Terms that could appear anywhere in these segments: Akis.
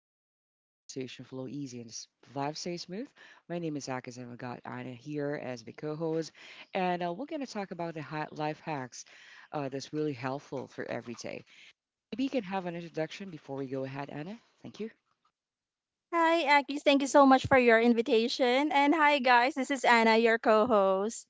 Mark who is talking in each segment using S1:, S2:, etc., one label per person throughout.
S1: a chill zone where conversation flow easy and vibes stay smooth. My name is Akis, and we got Anna here as my co-host, and we're gonna talk about the life hacks that's really helpful for every day. Maybe you can have an introduction before we go ahead, Anna. Thank you.
S2: Hi, Akis. Thank you so much for your invitation. And hi, guys. This is Anna, your co host.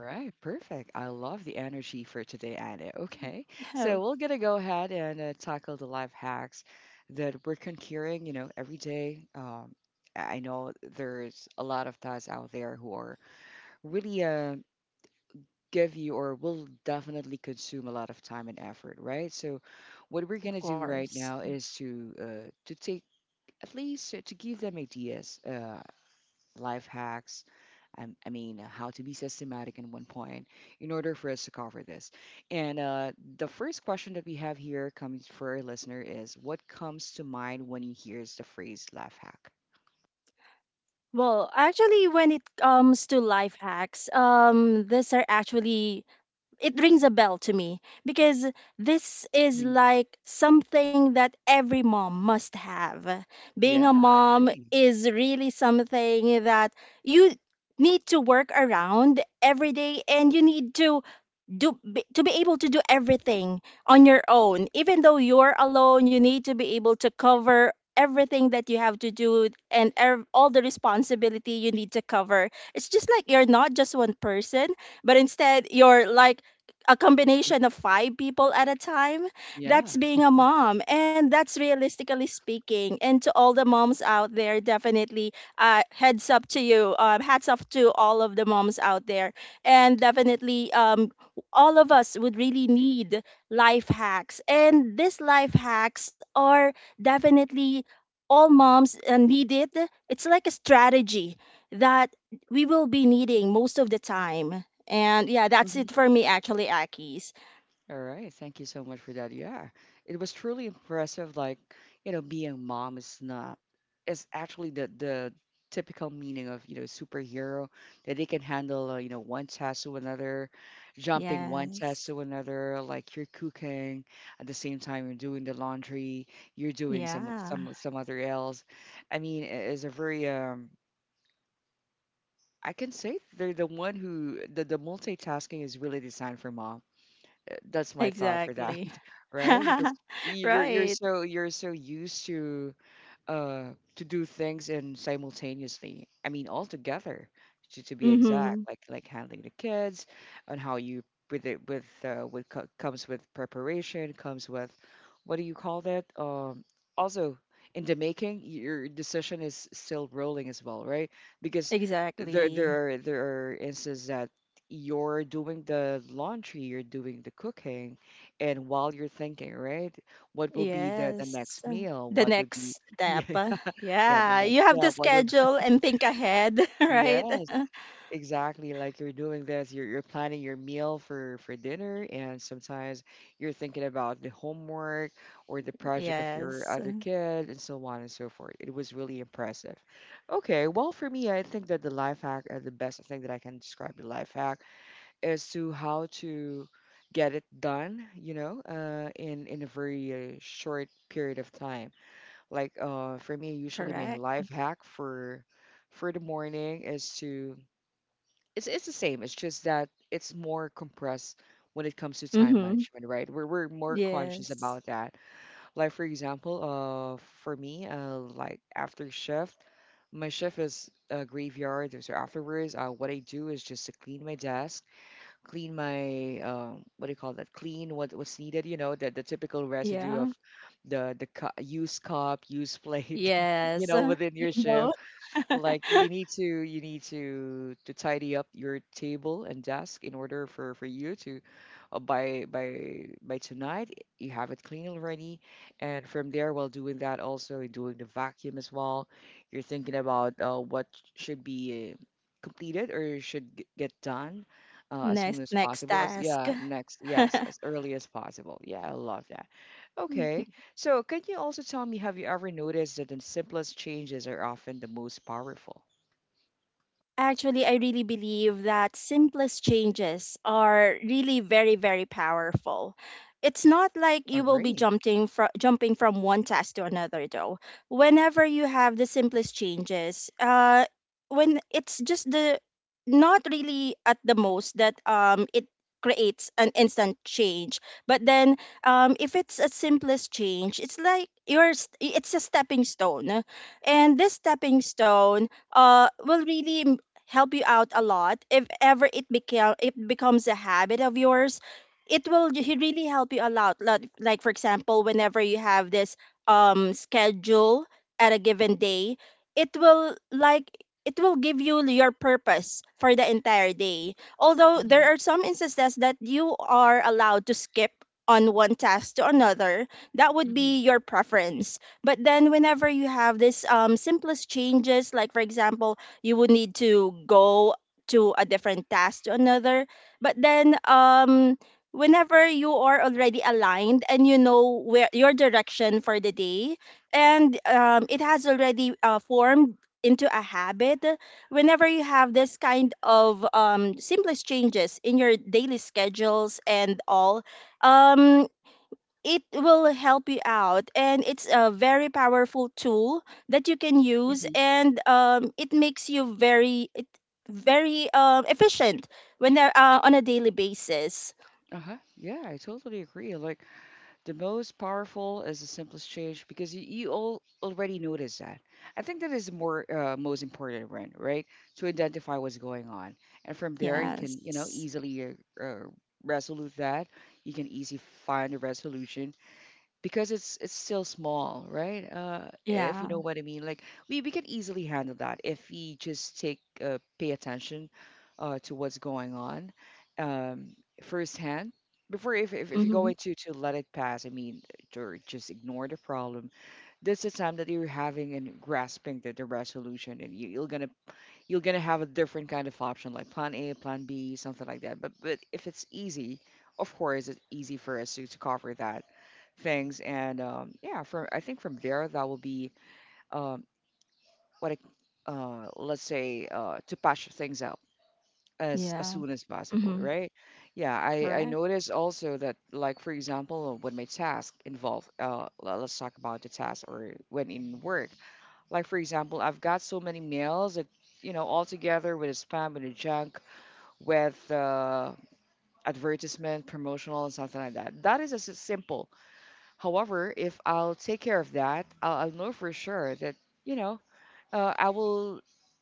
S1: All right, perfect. I love the energy for today, Anna. Okay, so
S2: Oh,
S1: we're gonna go ahead and tackle the life hacks that we're conquering, you know, every day. I know there's a lot of guys out there who are really give you or will definitely consume a lot of time and effort, right? So, what we're gonna
S2: of
S1: do right
S2: course.
S1: now is to take at least to give them ideas, life hacks. I mean, how to be systematic in one point in order for us to cover this. And the first question that we have here coming for our listener is what comes to mind when he hears the phrase life hack?
S2: Well, when it comes to life hacks, these are it rings a bell to me because this is
S1: Mhm.
S2: like something that every mom must have. Being
S1: Yeah,
S2: a
S1: I
S2: mom
S1: agree.
S2: is really something that you need to work around every day, and you need to to be able to do everything on your own. Even though you're alone, you need to be able to cover everything that you have to do, and all the responsibility you need to cover. It's just like you're not just one person, but instead you're like a combination of five people at a time.
S1: Yeah.
S2: That's being a mom, and that's realistically speaking. And to all the moms out there, definitely heads up to you, hats off to all of the moms out there. And definitely, all of us would really need life hacks. And these life hacks are definitely all moms need it. It's like a strategy that we will be needing most of the time. And yeah, that's it for me, actually, Akis.
S1: All right, thank you so much for that. Yeah, it was truly impressive. Like, you know, being a mom is not is actually the typical meaning of you know superhero that they can handle you know one task to another, jumping one task
S2: Yes.
S1: to another. Like you're cooking at the same time you're doing the laundry, you're doing some
S2: Yeah,
S1: some some other else. I mean, it is a very I can say they're the one who the multitasking is really designed for mom. That's my thought for that
S2: exactly.
S1: right? Because you're
S2: Right.
S1: so you're so used uh, to do things and simultaneously. I mean, all together, to be
S2: Mm-hmm.
S1: exact, like handling the kids, and how you with it with what comes with preparation, comes with what do you call that? Also in the making, your decision is still rolling as well, right? Because there
S2: Exactly.
S1: there are there are instances that you're doing the laundry, you're doing the cooking, and while you're thinking, right? What will be the
S2: Yes.
S1: next meal?
S2: The
S1: What would be
S2: next
S1: yeah,
S2: step.
S1: yeah, the
S2: Yeah.
S1: next
S2: You have
S1: step.
S2: to schedule and think ahead, right?
S1: Yes, exactly. Like you're doing this, you're planning your meal for dinner, and sometimes you're thinking about the homework or the project of your
S2: Yes.
S1: other kid, and so on and so forth. It was really impressive. Okay, well, for me, I think that the life hack, the best thing that I can describe the life hack is to how to get it done, you know, in a very short period of time. Like for me, usually my
S2: Correct.
S1: life hack for the morning is to it's the same. It's just that it's more compressed when it comes to time
S2: Mm-hmm.
S1: management, right? We're more conscious
S2: Yes.
S1: about that. Like for example, for me, like after shift, my shift is a graveyard. So afterwards, what I do is just to clean my desk clean my what do you call that? Clean what's needed. You know, the typical residue
S2: Yeah.
S1: of the used cup, used plate. You
S2: Yes.
S1: know, within
S2: You
S1: your
S2: know.
S1: shift. Like you need to tidy up your table and desk in order for you to by tonight you have it clean already. And from there, while doing that, also you're doing the vacuum as well. You're thinking about what should be completed or should get done as soon
S2: Next
S1: as
S2: next
S1: possible.
S2: task.
S1: As early as possible. Yeah, I love that. Okay.
S2: Mm.
S1: So, can you also tell me, have you ever noticed that the simplest changes are often the most powerful?
S2: Actually, I really believe that simplest changes are really very, very powerful. It's not like you will be
S1: Agree.
S2: jumping from one task to another though. Whenever you have the simplest changes, when it's just the not really at the most that it creates an instant change. But then, if it's a simplest change, it's like it's a stepping stone, and this stepping stone will really help you out a lot. If ever it becomes a habit of yours, it will really help you a lot. Like for example, whenever you have this schedule at a given day, it will like it will give you your purpose for the entire day. Although
S1: Hmm.
S2: there are some instances that you are allowed to skip on one task to another, that would
S1: Hmm.
S2: be your preference. But then, whenever you have this simplest changes, like for example, you would need to go to a different task to another, but then, whenever you are already aligned and you know where your direction for the day, and it has already formed into a habit. Whenever you have this kind of simplest changes in your daily schedules and all, um, it will help you out, and it's a very powerful tool that you can use.
S1: Hmm.
S2: And it makes you very efficient when they're on a daily basis.
S1: Uh-huh. Yeah, I totally agree. Like the most powerful is the simplest change because you all already notice that. I think that is the more most important one, right? To identify what's going on, and from there you can you know
S2: Yes.
S1: easily uh, resolve that. You can easily find a resolution, because it's still small, right? If you
S2: Yeah.
S1: know what I mean, like we can easily handle that if we just take pay attention to what's going on um, firsthand. Before, if you're
S2: Mm-hmm.
S1: going to let it pass, I mean, or just ignore the problem, that's the time that you're having and grasping the resolution, and you're gonna have a different kind of option like plan A, plan B, something like that. But if it's easy, of course it's easy for us to cover that things. And yeah, from I think from there that will be um, what I, let's say to patch things up as
S2: Yeah.
S1: soon as possible,
S2: Mm-hmm.
S1: right? Yeah, I
S2: Correct.
S1: noticed also that like for example when my task involve let's talk about the task or when in work like for example, I've got so many mails that you know all together with a spam, with a junk, with advertisement, promotional, and something like that. That is as simple. However, if I'll take care of that, I'll know for sure that you know I will.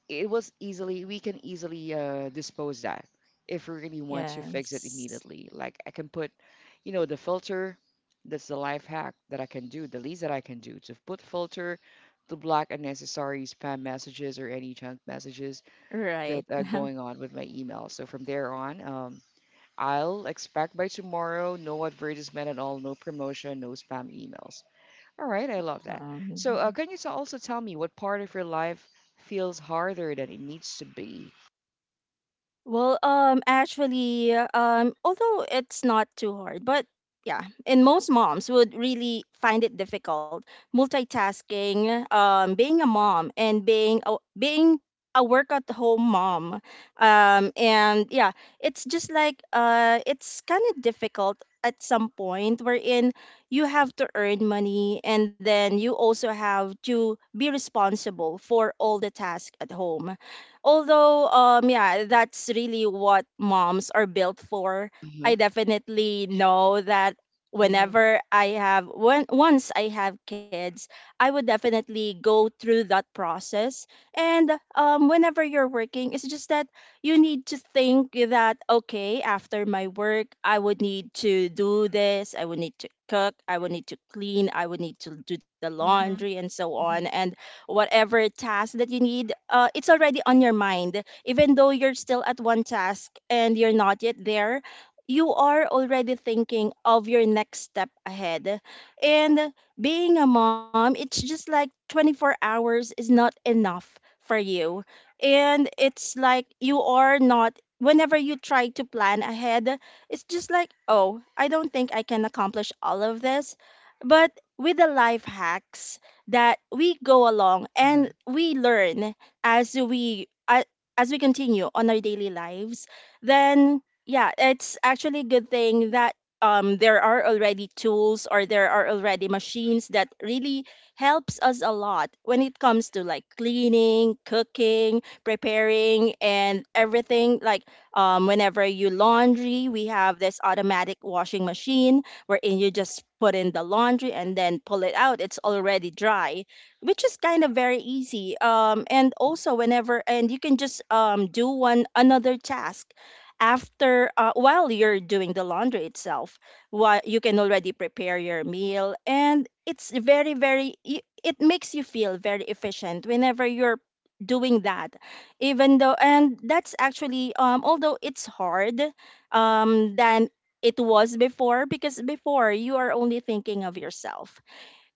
S1: It was easily we can easily dispose that if we really want to fix it
S2: Yes.
S1: immediately. Like I can put, you know, the filter. That's the life hack that I can do. The least that I can do to put filter to block unnecessary spam messages or any junk messages
S2: Right.
S1: that are going on with my email. So from there on, I'll expect by tomorrow no advertisement at all, no promotion, no spam emails. All right, I love that. So,
S2: um,
S1: can you also tell me what part of your life feels harder than it needs to be?
S2: Well, although it's not too hard, but yeah, and most moms would really find it difficult multitasking, being a mom, and being a work at home mom. And yeah, it's just like, it's kind of difficult at some point, wherein you have to earn money, and then you also have to be responsible for all the tasks at home. Although, yeah, that's really what moms are built for.
S1: Uh-huh.
S2: I definitely know that
S1: Mm-hmm.
S2: when once I have kids, I would definitely go through that process. And whenever you're working, it's just that you need to think that, okay, after my work I would need to do this, I would need to cook, I would need to clean, I would need to do the laundry,
S1: Mm-hmm.
S2: and so on. And whatever task that you need, it's already on your mind. Even though you're still at one task and you're not yet there, you are already thinking of your next step ahead. And being a mom, it's just like 24 hours is not enough for you. And it's like you are not, whenever you try to plan ahead, it's just like, oh, I don't think I can accomplish all of this. But with the life hacks that we go along
S1: Mm-hmm. Uh-huh.
S2: and we learn as we a- as we continue on our daily lives, then yeah, it's actually a good thing that there are already tools, or there are already machines that really helps us a lot when it comes to like cleaning, cooking, preparing, and everything. Like, whenever you laundry, we have this automatic washing machine, wherein you just put in the laundry, and then pull it out. It's already dry, which is kind of very easy. And also, whenever, and you can just do one another task after, while you're doing the laundry itself, while you can already prepare your meal. And it's very very, it makes you feel very efficient whenever you're doing that. Even though, and that's actually although it's hard, than it was before, because before you are only thinking of yourself.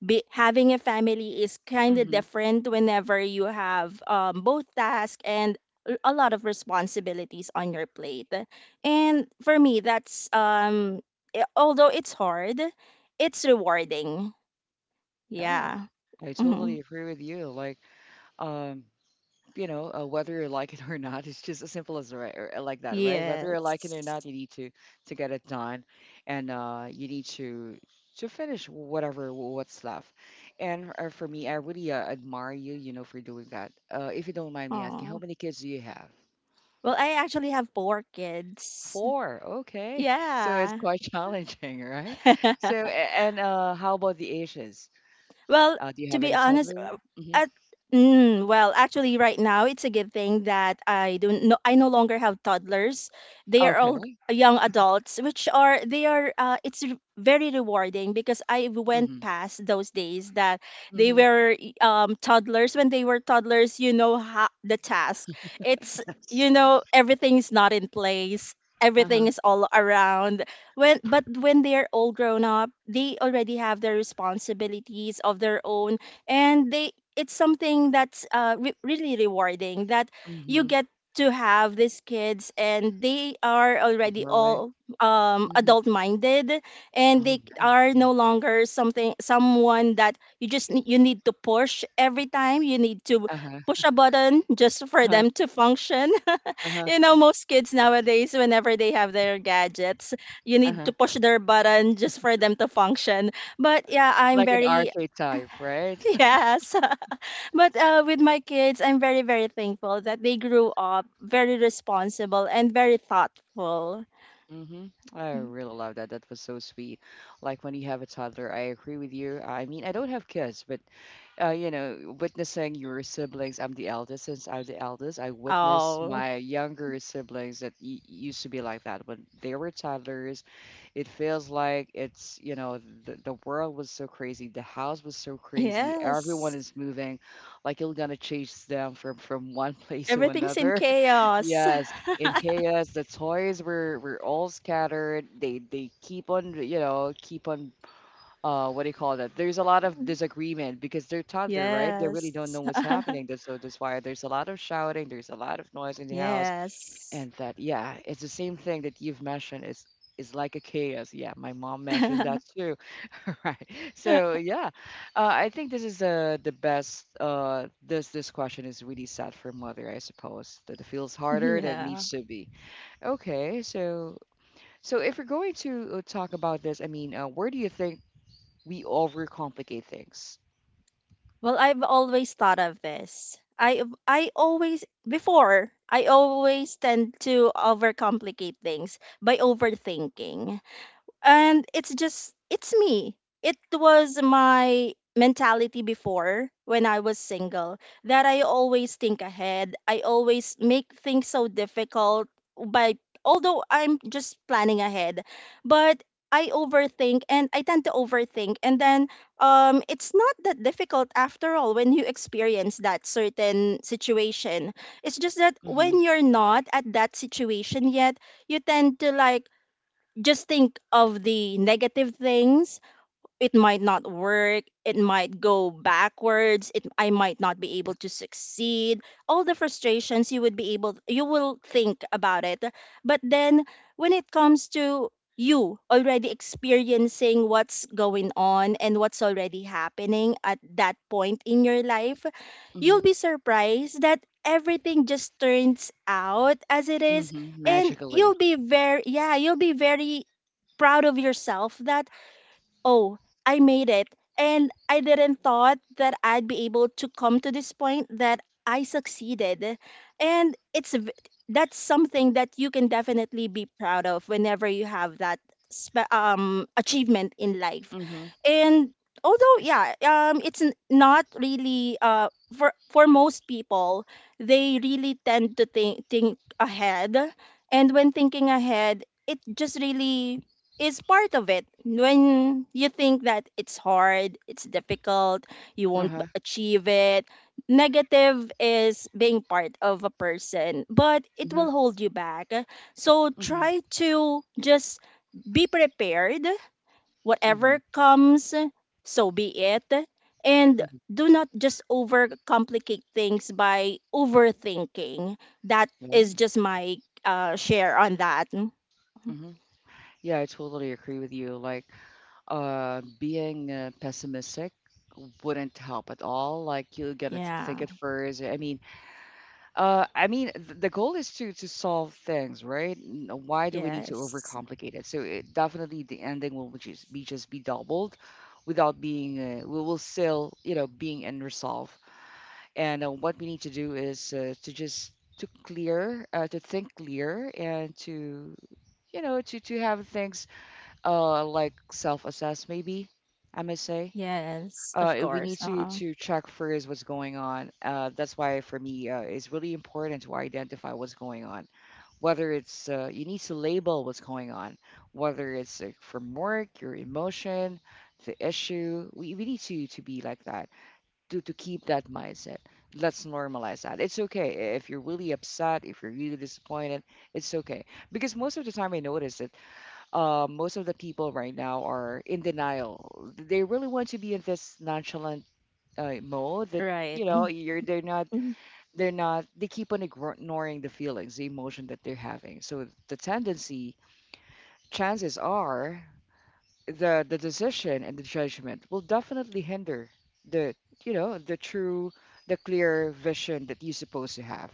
S2: Having a family is kind of
S1: Mm-hmm.
S2: different whenever you have both tasks and a lot of responsibilities on your plate. And for me, that's although it's hard, it's rewarding.
S1: Yeah,
S2: Yeah.
S1: I
S2: Hmm.
S1: totally agree with you. Like, um, you know, whether you like it or not, it's just as simple as right, or, like that, right? Whether you like it or not,
S2: Yes.
S1: you need to get it done, and you need to finish whatever what's left. And for me, I really admire you, you know, for doing that. If you don't mind me asking, how
S2: Oh.
S1: many kids do you have?
S2: Well, I actually have four kids.
S1: Four. Okay, so it's
S2: Yeah.
S1: quite challenging, right? So, and how about the Asians?
S2: Well,
S1: Do you
S2: to
S1: have
S2: be
S1: any
S2: honest,
S1: toddlers? Mm-hmm.
S2: at mm, well, actually, right now it's a good thing that I don't know. I no longer have toddlers. They are all
S1: Okay.
S2: young adults, which are. It's very rewarding because I went
S1: Mm-hmm.
S2: past those days that they
S1: Mm-hmm.
S2: were toddlers. When they were toddlers, you know how, the task. It's,
S1: Yes.
S2: you know, everything's not in place.
S1: Uh-huh.
S2: Everything is all around when, but when they're all grown up, they already have their responsibilities of their own. And they, it's something that's really rewarding that you
S1: Mm-hmm.
S2: get to have these kids and they are already all
S1: Mhm.
S2: adult minded, and
S1: Oh,
S2: they
S1: yeah.
S2: are
S1: Mhm.
S2: no longer something someone that you just ne- you need to push every time, you need to
S1: Uh-huh.
S2: push a button just for
S1: Uh-huh.
S2: them to function.
S1: Uh-huh.
S2: You know, most kids nowadays, whenever they have their gadgets, you need
S1: Uh-huh.
S2: to push their button just for them to function. But yeah, I'm
S1: Like an
S2: very
S1: arcade type, right?
S2: yes. But with my kids, I'm very, very thankful that they grew up very responsible and very thoughtful.
S1: Mm-hmm. I really love that. That was so sweet. Like when you have a toddler, I agree with you. I mean, I don't have kids, but you know, witnessing your siblings, I'm the eldest. Since I'm the eldest, I witnessed
S2: Oh
S1: my younger siblings that y used to be like that when they were toddlers. It feels like it's, you know, the world was so crazy. The house was so crazy. Everyone
S2: yes,
S1: is moving. Like you're gonna chase them from one place to
S2: everything's in
S1: another.
S2: chaos.
S1: Yes. In chaos, the toys were all scattered. They keep on, you know, keep on what do you call that? There's a lot of disagreement because they're toddler, right? They
S2: Yes.
S1: really don't know what's happening. That's why there's a lot of shouting, there's a lot of noise in the house.
S2: Yes.
S1: And that, yeah, it's the same thing that you've mentioned is like a chaos. Yeah, my mom mentioned that too. Right. So yeah, I think this is the best. This question is really sad for mother, I suppose. That it feels harder than it
S2: Yeah.
S1: needs to be. Okay, so so if we're going to talk about this, I mean, where do you think we overcomplicate things?
S2: Well, I've always thought of this. I always tend to overcomplicate things by overthinking, and it's just it's me. It was my mentality before when I was single, that I always think ahead, I always make things so difficult by, although I'm just planning ahead, but I overthink, and I tend to overthink. And then, it's not that difficult after all when you experience that certain situation. It's just that
S1: Mm-hmm.
S2: when you're not at that situation yet, you tend to like just think of the negative things. It might not work, it might go backwards, it I might not be able to succeed. All the frustrations you would be able, you will think about it. But then, when it comes to you already experiencing what's going on and what's already happening at that point in your life,
S1: Mm-hmm.
S2: you'll be surprised that everything just turns out as it is.
S1: Mm-hmm.
S2: And you'll
S1: Magically.
S2: be very, yeah, you'll be very proud of yourself that, oh, I made it. And I didn't thought that I'd be able to come to this point that I succeeded. And it's that's something that you can definitely be proud of whenever you have that achievement in life.
S1: Mm-hmm.
S2: And although, yeah, it's not really, for most people, they really tend to think ahead. And when thinking ahead, it just really is part of it. When you think that it's hard, it's difficult, you won't
S1: Uh-huh.
S2: achieve it, negative is being part of a person, but it
S1: Uh-huh.
S2: will hold you back. So
S1: Mm-hmm.
S2: try to just be prepared. Whatever
S1: Mm-hmm.
S2: comes, so be it. And do not just overcomplicate things by overthinking. That
S1: Yeah.
S2: is
S1: Mm-hmm.
S2: just my share on that.
S1: Yeah. Yeah, I totally agree with you. Like, being pessimistic wouldn't help at all. Like, you're gonna think
S2: Yeah.
S1: it first. I mean, th the goal is to solve things, right? N- Why do we need to
S2: Yes.
S1: overcomplicate it? So it, definitely, the ending will just be doubled, without being we will still, you know, being unresolved. And what we need to do is to just to clear, to think clear, and to to have things like self-assess maybe I may say.
S2: Yes, of
S1: We
S2: course.
S1: need to
S2: Uh,
S1: to check first what's going on. That's why for me, it's really important to identify what's going on, whether it's you need to label what's going on, whether it's from work, your emotion, the issue. We need to be like that, to keep that mindset. Let's normalize that it's okay if you're really upset, if you're really disappointed. It's okay. Because most of the time I notice that most of the people right now are in denial. They really want to be in this nonchalant mode that
S2: right.
S1: you're they're not,
S2: Mm-hmm.
S1: they're not, they keep on ignoring the feelings, the emotion that they're having. So the tendency, chances are, the decision and the judgment will definitely hinder the, the true, the clear vision that you're supposed to have.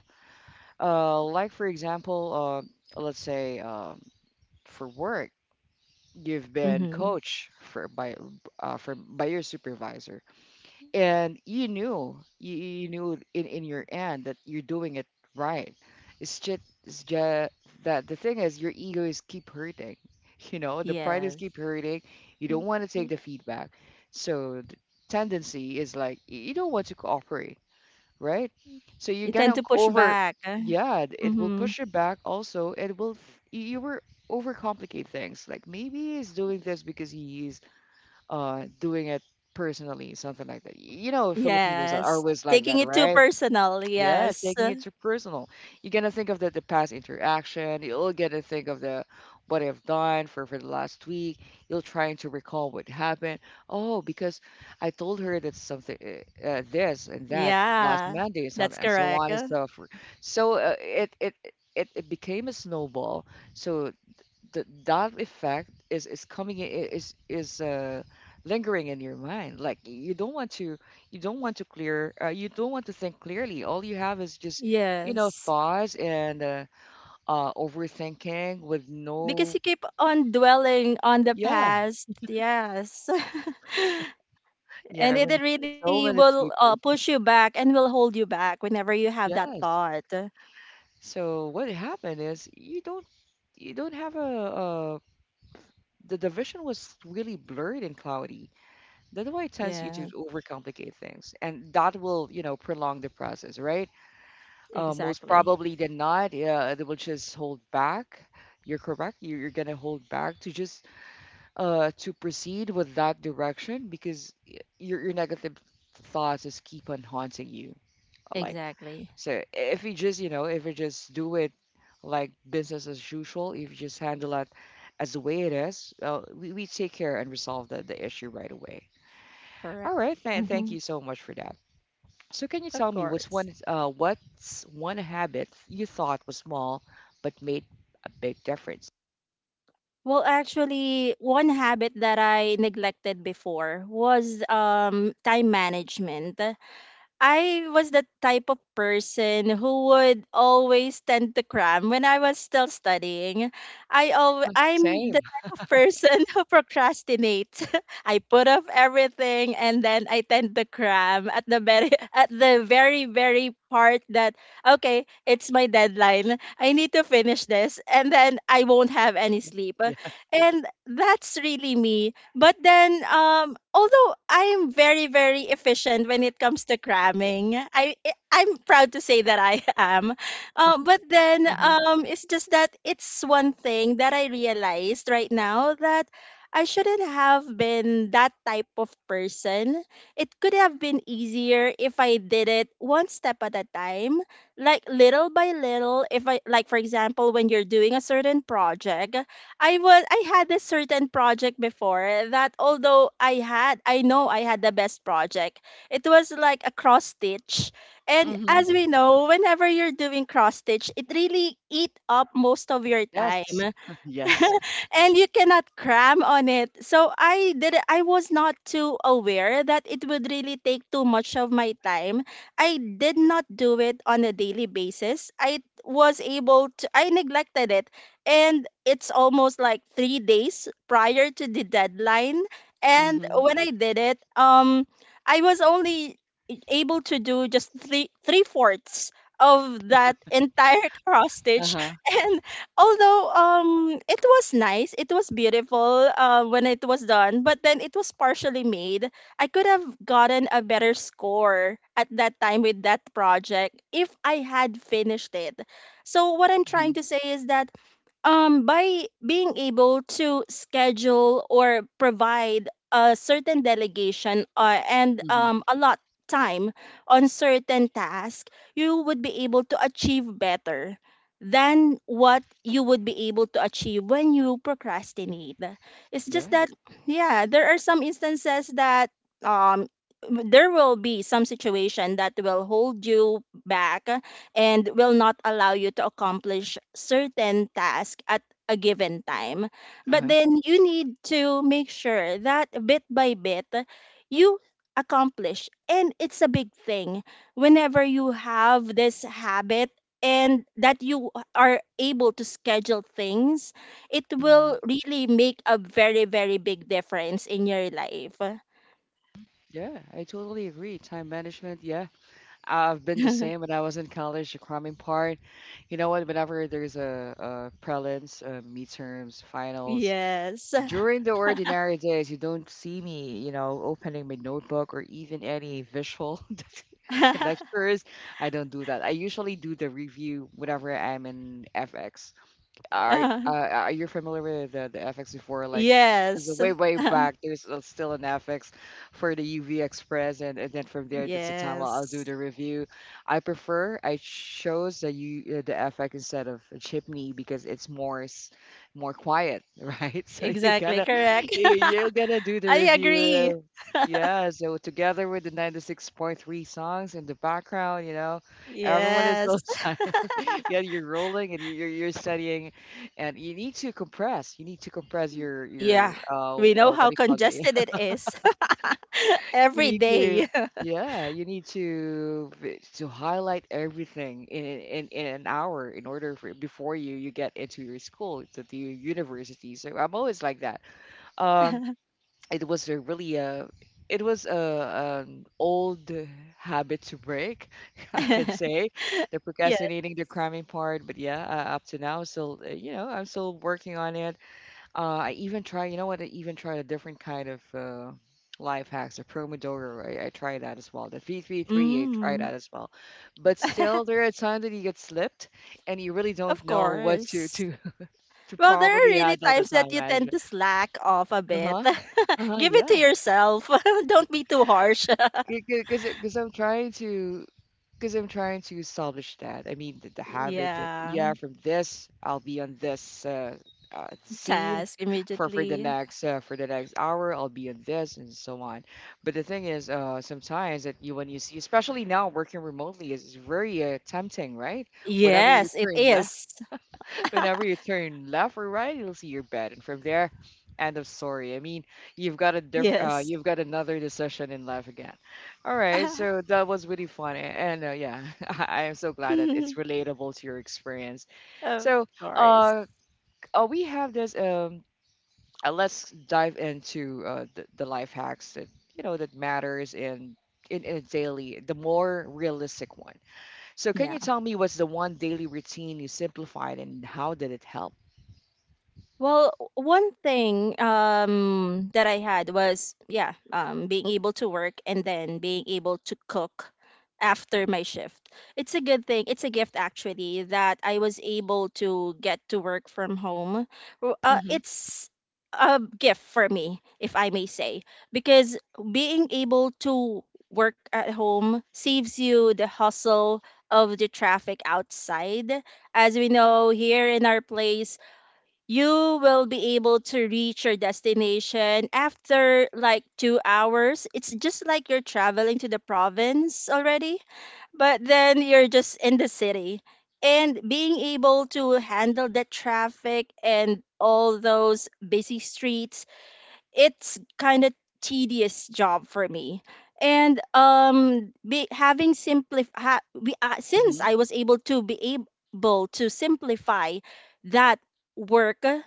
S1: Like for example, let's say, for work, you've been
S2: Mm-hmm.
S1: coached for by your supervisor, and you knew, you knew in your end that you're doing it right. It's just that the thing is your ego is keep hurting. You know, the pride is
S2: Yes.
S1: keep hurting. You don't
S2: Mhm.
S1: want to take the feedback, so the tendency is like you don't want to cooperate, right? So you're
S2: You tend
S1: gonna
S2: to push
S1: over,
S2: back.
S1: yeah, it will
S2: Mm-hmm.
S1: push you back. Also, it will you were overcomplicate things. Like maybe he's doing this because he's doing it personally, something like that. You know, Filipinos are
S2: Yes.
S1: always like
S2: Taking
S1: that,
S2: it too
S1: right?
S2: personal.
S1: Yeah,
S2: Yes.
S1: taking it to personal. You're gonna think of the past interaction. You'll get to think of the what I've done for the last week. You'll trying to recall what happened. Oh, because I told her that something, this and that last
S2: Yeah.
S1: Monday and so
S2: That's
S1: on and so
S2: correct.
S1: on and so forth. So it it became a snowball. So that effect is coming in, is lingering in your mind. Like you don't want to, you don't want to clear, you don't want to think clearly. All you have is just, you know,
S2: Yes.
S1: thoughts and, overthinking with
S2: Because
S1: no,
S2: you keep on dwelling on the
S1: yeah,
S2: past. Yes.
S1: yeah. I
S2: And
S1: remember
S2: it
S1: so
S2: really
S1: many
S2: will,
S1: people,
S2: push you back and will hold you back whenever you have that
S1: yes.
S2: thought.
S1: So what happened is you don't, you don't have a, the division was really blurred and cloudy. That's why it tends you to
S2: Yes,
S1: overcomplicate things, and that will, you know, prolong the process, right? Most
S2: exactly.
S1: probably than not, yeah, they will just hold back. You're correct. You're gonna hold back to just to proceed with that direction because your negative thoughts just keep on haunting you. Like,
S2: Exactly.
S1: so if you just, you know, if you just do it like business as usual, if you just handle it as the way it is, we take care and resolve the issue right away. All
S2: Correct.
S1: right, man. Thank
S2: Mm-hmm.
S1: you so much for that. So, can you
S2: Of
S1: tell me
S2: course.
S1: what's one habit you thought was small but made a big difference?
S2: Well, actually, one habit that I neglected before was time management. I was the type of person who would always tend to cram when I was still studying. I'm the
S1: Same.
S2: type of person who procrastinates. I put off everything and then I tend to cram at the very at the very part that okay, it's my deadline. I need to finish this and then I won't have any sleep.
S1: Yeah.
S2: And that's really me. But then, although I am very, very efficient when it comes to cramming, I'm proud to say that I am. But then,
S1: Mm-hmm.
S2: it's just that it's one thing that I realized right now that I shouldn't have been that type of person. It could have been easier if I did it one step at a time, like little by little. If I, like, for example, when you're doing a certain project. I had a certain project before that although I had I know I had the best project. It was like a cross stitch. And
S1: Mm-hmm.
S2: as we know, whenever you're doing cross stitch, it really eat up most of your
S1: Yes.
S2: time.
S1: Yes.
S2: And you cannot cram on it. So I was not too aware that it would really take too much of my time. I did not do it on a daily basis. I was able to I neglected it and it's almost like 3 days prior to the deadline and
S1: Mm-hmm.
S2: when I did it I was only able to do just three fourths of that entire cross stitch
S1: Uh-huh.
S2: and although it was nice, it was beautiful, when it was done, but then it was partially made. I could have gotten a better score at that time with that project if I had finished it. So what I'm
S1: Hmm.
S2: trying to say is that by being able to schedule or provide a certain delegation, and
S1: Hmm.
S2: a lot time on certain task, you would be able to achieve better than what you would be able to achieve when you procrastinate. It's just
S1: Yeah.
S2: that yeah, there are some instances that um there will be some situation that will hold you back and will not allow you to accomplish certain task at a given time. But
S1: Uh-huh.
S2: then you need to make sure that bit by bit you accomplish. And it's a big thing whenever you have this habit and that you are able to schedule things, it
S1: Mm-hmm.
S2: will really make a very, very big difference in your life.
S1: Yeah, I totally agree. Time management, yeah. I've been the same when I was in college, the cramming part. You know what? Whenever there's a prelims, midterms, finals,
S2: Yes.
S1: during the ordinary days, you don't see me, you know, opening my notebook or even any visual lectures. I don't do that. I usually do the review whenever I'm in FX. Are uh,
S2: Uh,
S1: uh, are you familiar with the FX before? Like, because
S2: yes.
S1: way way back, there's still an FX for the UV Express, and then from there, that's the time I'll do
S2: Yes.
S1: the review. I prefer I chose the U the FX instead of a chipney because it's more more quiet, right? So you
S2: Exactly.
S1: gotta
S2: Correct.
S1: you're gonna do the
S2: I
S1: review.
S2: agree.
S1: Yeah, so together with the 96.3 songs in the background, you know, everyone is so
S2: Yes.
S1: silent. Yeah, you're rolling and you're studying, and you need to compress. You need to compress your
S2: Yeah.
S1: your uh, w-
S2: We know
S1: uh what
S2: how
S1: do you call it?
S2: congested it is
S1: You
S2: every
S1: need to,
S2: day.
S1: yeah, you need to to highlight everything in in an hour in order for before you get into your school to the university. So I'm always like that. Um, it was a really a, it was a an old habit to break, I can say, the
S2: Yes.
S1: procrastinating, the cramming part. But yeah, up to now, still you know, I'm still working on it. I even try, you know what? I even tried a different kind of life hacks, a Promodoro. I tried that as well. The 333, I tried
S2: Mm.
S1: that as well. But still, there are times that you get slipped and you really don't
S2: Of
S1: know what to
S2: course.
S1: to to
S2: Well, there are
S1: properly
S2: really
S1: handle the
S2: times that
S1: time
S2: you tend
S1: management.
S2: to slack off a bit.
S1: Uh-huh. Uh-huh,
S2: Give it to
S1: yeah.
S2: yourself. Don't be too harsh.
S1: Because I'm trying to, because I'm trying to salvage that. I mean, the habit, that
S2: Yeah.
S1: yeah, from this I'll be on this scene
S2: Task
S1: for,
S2: immediately.
S1: for the next hour I'll be on this and so on. But the thing is, sometimes that you when you see, especially now working remotely, is very tempting, right? Whatever you
S2: Yes, it
S1: turn
S2: is.
S1: Whenever you turn left or right, you'll see your bed, and from there, end of story. I mean, you've got a
S2: Yes.
S1: you've got another decision in life again. All right, so that was really fun, and yeah, I am so glad that it's relatable to your experience.
S2: Of
S1: So,
S2: course.
S1: uh, we have this. Let's dive into the life hacks that you know that matters in, in a daily, the more realistic one. So, can
S2: Yeah.
S1: you tell me what's the one daily routine you simplified and how did it help?
S2: Well, one thing that I had was, yeah, being able to work and then being able to cook after my shift. It's a good thing. It's a gift, actually, that I was able to get to work from home.
S1: Mhm,
S2: It's a gift for me, if I may say, because being able to work at home saves you the hustle of the traffic outside. As we know, here in our place you will be able to reach your destination after like 2 hours. It's just like you're traveling to the province already, but then you're just in the city. And being able to handle the traffic and all those busy streets, it's kind of tedious job for me. And be, having simplify ha, we, since
S1: mhm,
S2: I was able to be able to simplify that work,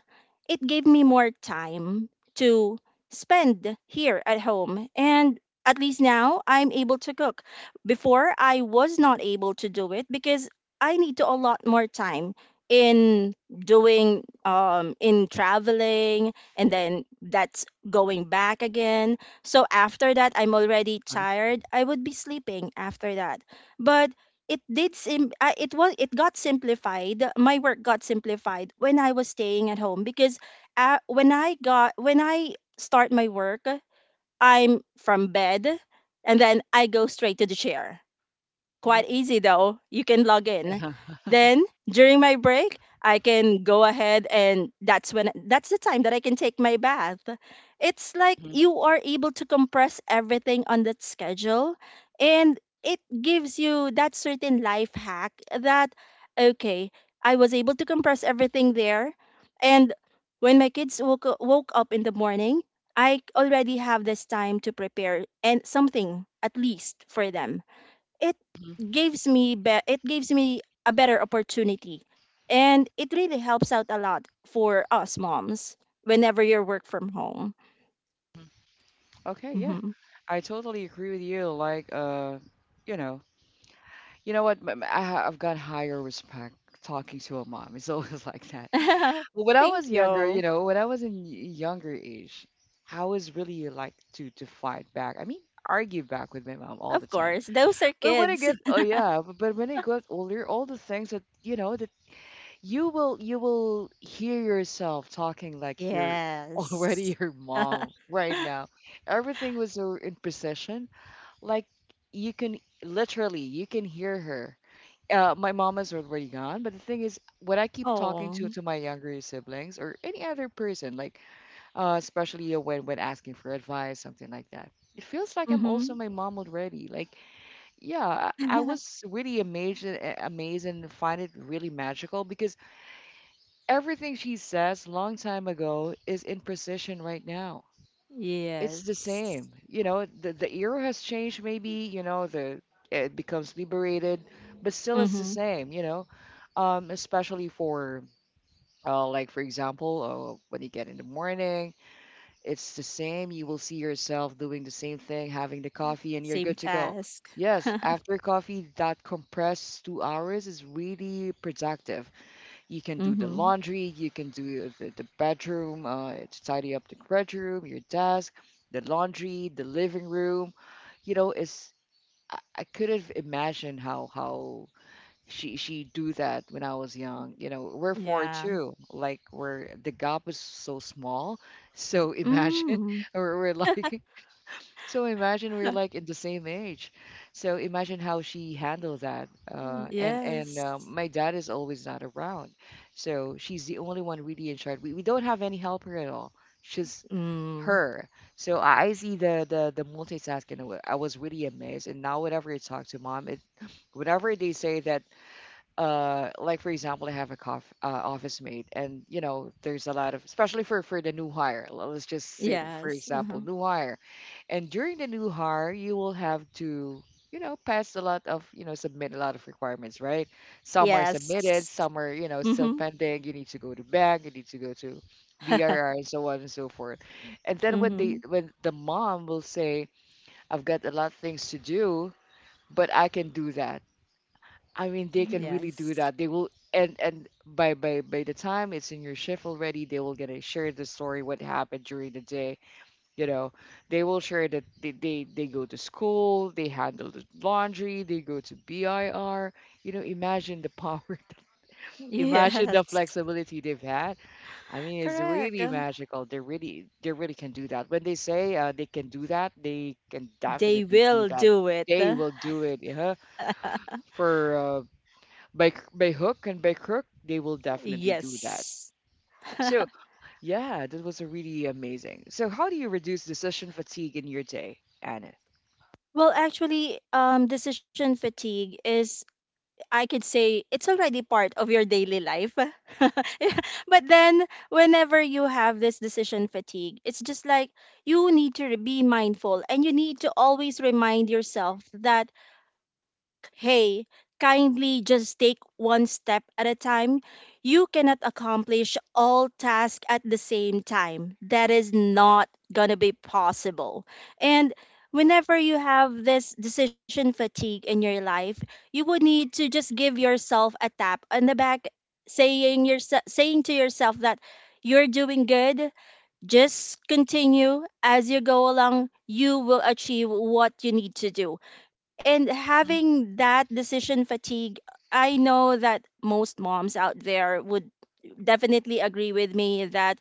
S2: it gave me more time to spend here at home, and at least now I'm able to cook. Before, I was not able to do it because I need to a lot more time in doing in traveling and then that going back again. So after that, I'm already
S1: uh,
S2: tired. I would be sleeping after that. But it was it got simplified. My work got simplified when I was staying at home because when I got when I start my work, I'm from bed and then I go straight to the chair.
S1: mhm,
S2: Quite easy though. You can log in. Then during my break, I can go ahead, and that's the time that I can take my bath. It's like
S1: mhm, mhm,
S2: you are able to compress everything on that schedule, and it gives you that certain life hack that okay, I was able to compress everything there, and when my kids woke up in the morning, I already have this time to prepare and something at least for them. It
S1: mhm.
S2: gives it gives me a better opportunity, and it really helps out a lot for us moms whenever you work from home.
S1: Okay, yeah.
S2: Hmm.
S1: I totally agree with you. Like, you know, you know what? I, I've got higher respect talking to a mom. It's always like that. But when I
S2: Thank
S1: was younger, you
S2: you.
S1: know, when I was in younger age, I was really like to fight back. I mean, argue back with my mom all the
S2: Of
S1: time.
S2: course, those are
S1: But when I
S2: kids.
S1: get, oh yeah, but when I got older, all the things that you know that you will, you will hear yourself talking like you're
S2: Yes.
S1: already your mom right now. Everything was so in precision. Like you can literally you can hear her. My mom is already gone, but the thing is, when I keep talking to
S2: Oh.
S1: to my younger siblings or any other person, like especially when asking for advice, something like that, it feels like I'm
S2: Mm-hmm.
S1: also my mom already. Like, yeah, I was really amazed, amazed, and find it really magical because everything she says long time ago is in precision right now. It's the
S2: Yes.
S1: same. You know, the era has changed maybe, you know, the it becomes liberated, but still it's the
S2: Mm-hmm.
S1: same, you know. Especially for like for example, when you get in the morning, it's the same. You will see yourself doing the same thing, having the coffee, and you're
S2: Same
S1: good to go.
S2: task.
S1: Yes, after coffee, that compressed 2 hours is really productive. You can do the
S2: Mm-hmm.
S1: laundry, you can do the bedroom, to tidy up the bedroom, your desk, the laundry, the living room. You know, it's, I couldn't imagine how she do that when I was young. You know, we're four
S2: Yeah.
S1: too. Like we're the gap is so small. So imagine
S2: Mm.
S1: we're like, so imagine we're like in the same age. So imagine how she handled that. And
S2: Yes.
S1: my dad is always not around, so she's the only one really in charge. We don't have any helper at all. She's
S2: Mm.
S1: Her. So I see the multitasking, and I was really amazed. And now whenever I talk to mom, it whenever they say that, like for example I have a office mate and you know there's a lot of, especially for the new hire, let's just say for
S2: Yes.
S1: example
S2: Uh-huh.
S1: new hire, and during the new hire you will have to, you know, pass a lot of, you know, submit a lot of requirements, right? Some are
S2: Yes.
S1: submitted, some are, you know, still
S2: Mhm.
S1: pending. You need to go to bank, you need to go to brr and so on and so forth. And then when they,
S2: Mhm.
S1: when the mom will say, I've got a lot of things to do, but I can do that. I mean, they can really do
S2: Yes.
S1: that. They will, and by the time it's in your shift already, they will gonna share the story what happened during the day. You know, they will share that they go to school, they handle the laundry, they go to BIR. You know, imagine the power, imagine the
S2: Yes.
S1: flexibility they've had. I mean, it's
S2: Correct.
S1: really magical. They really can do that. When they say they can do that, they can
S2: They
S1: definitely do
S2: will
S1: that.
S2: do it.
S1: They will do it. Yeah, for by hook and by crook, they will definitely do that.
S2: Yes.
S1: So yeah, that was a really amazing. So how do you reduce decision fatigue in your day, Anna?
S2: Well, actually, decision fatigue is, I could say, it's already part of your daily life. Yeah. But then, whenever you have this decision fatigue, it's just like you need to be mindful and you need to always remind yourself that hey, kindly just take one step at a time. You cannot accomplish all tasks at the same time. That is not going to be possible. And whenever you have this decision fatigue in your life, you would need to just give yourself a tap on the back, saying to yourself that you're doing good, just continue as you go along, you will achieve what you need to do. And
S1: Mhm.
S2: having that decision fatigue, I know that most moms out there would definitely agree with me that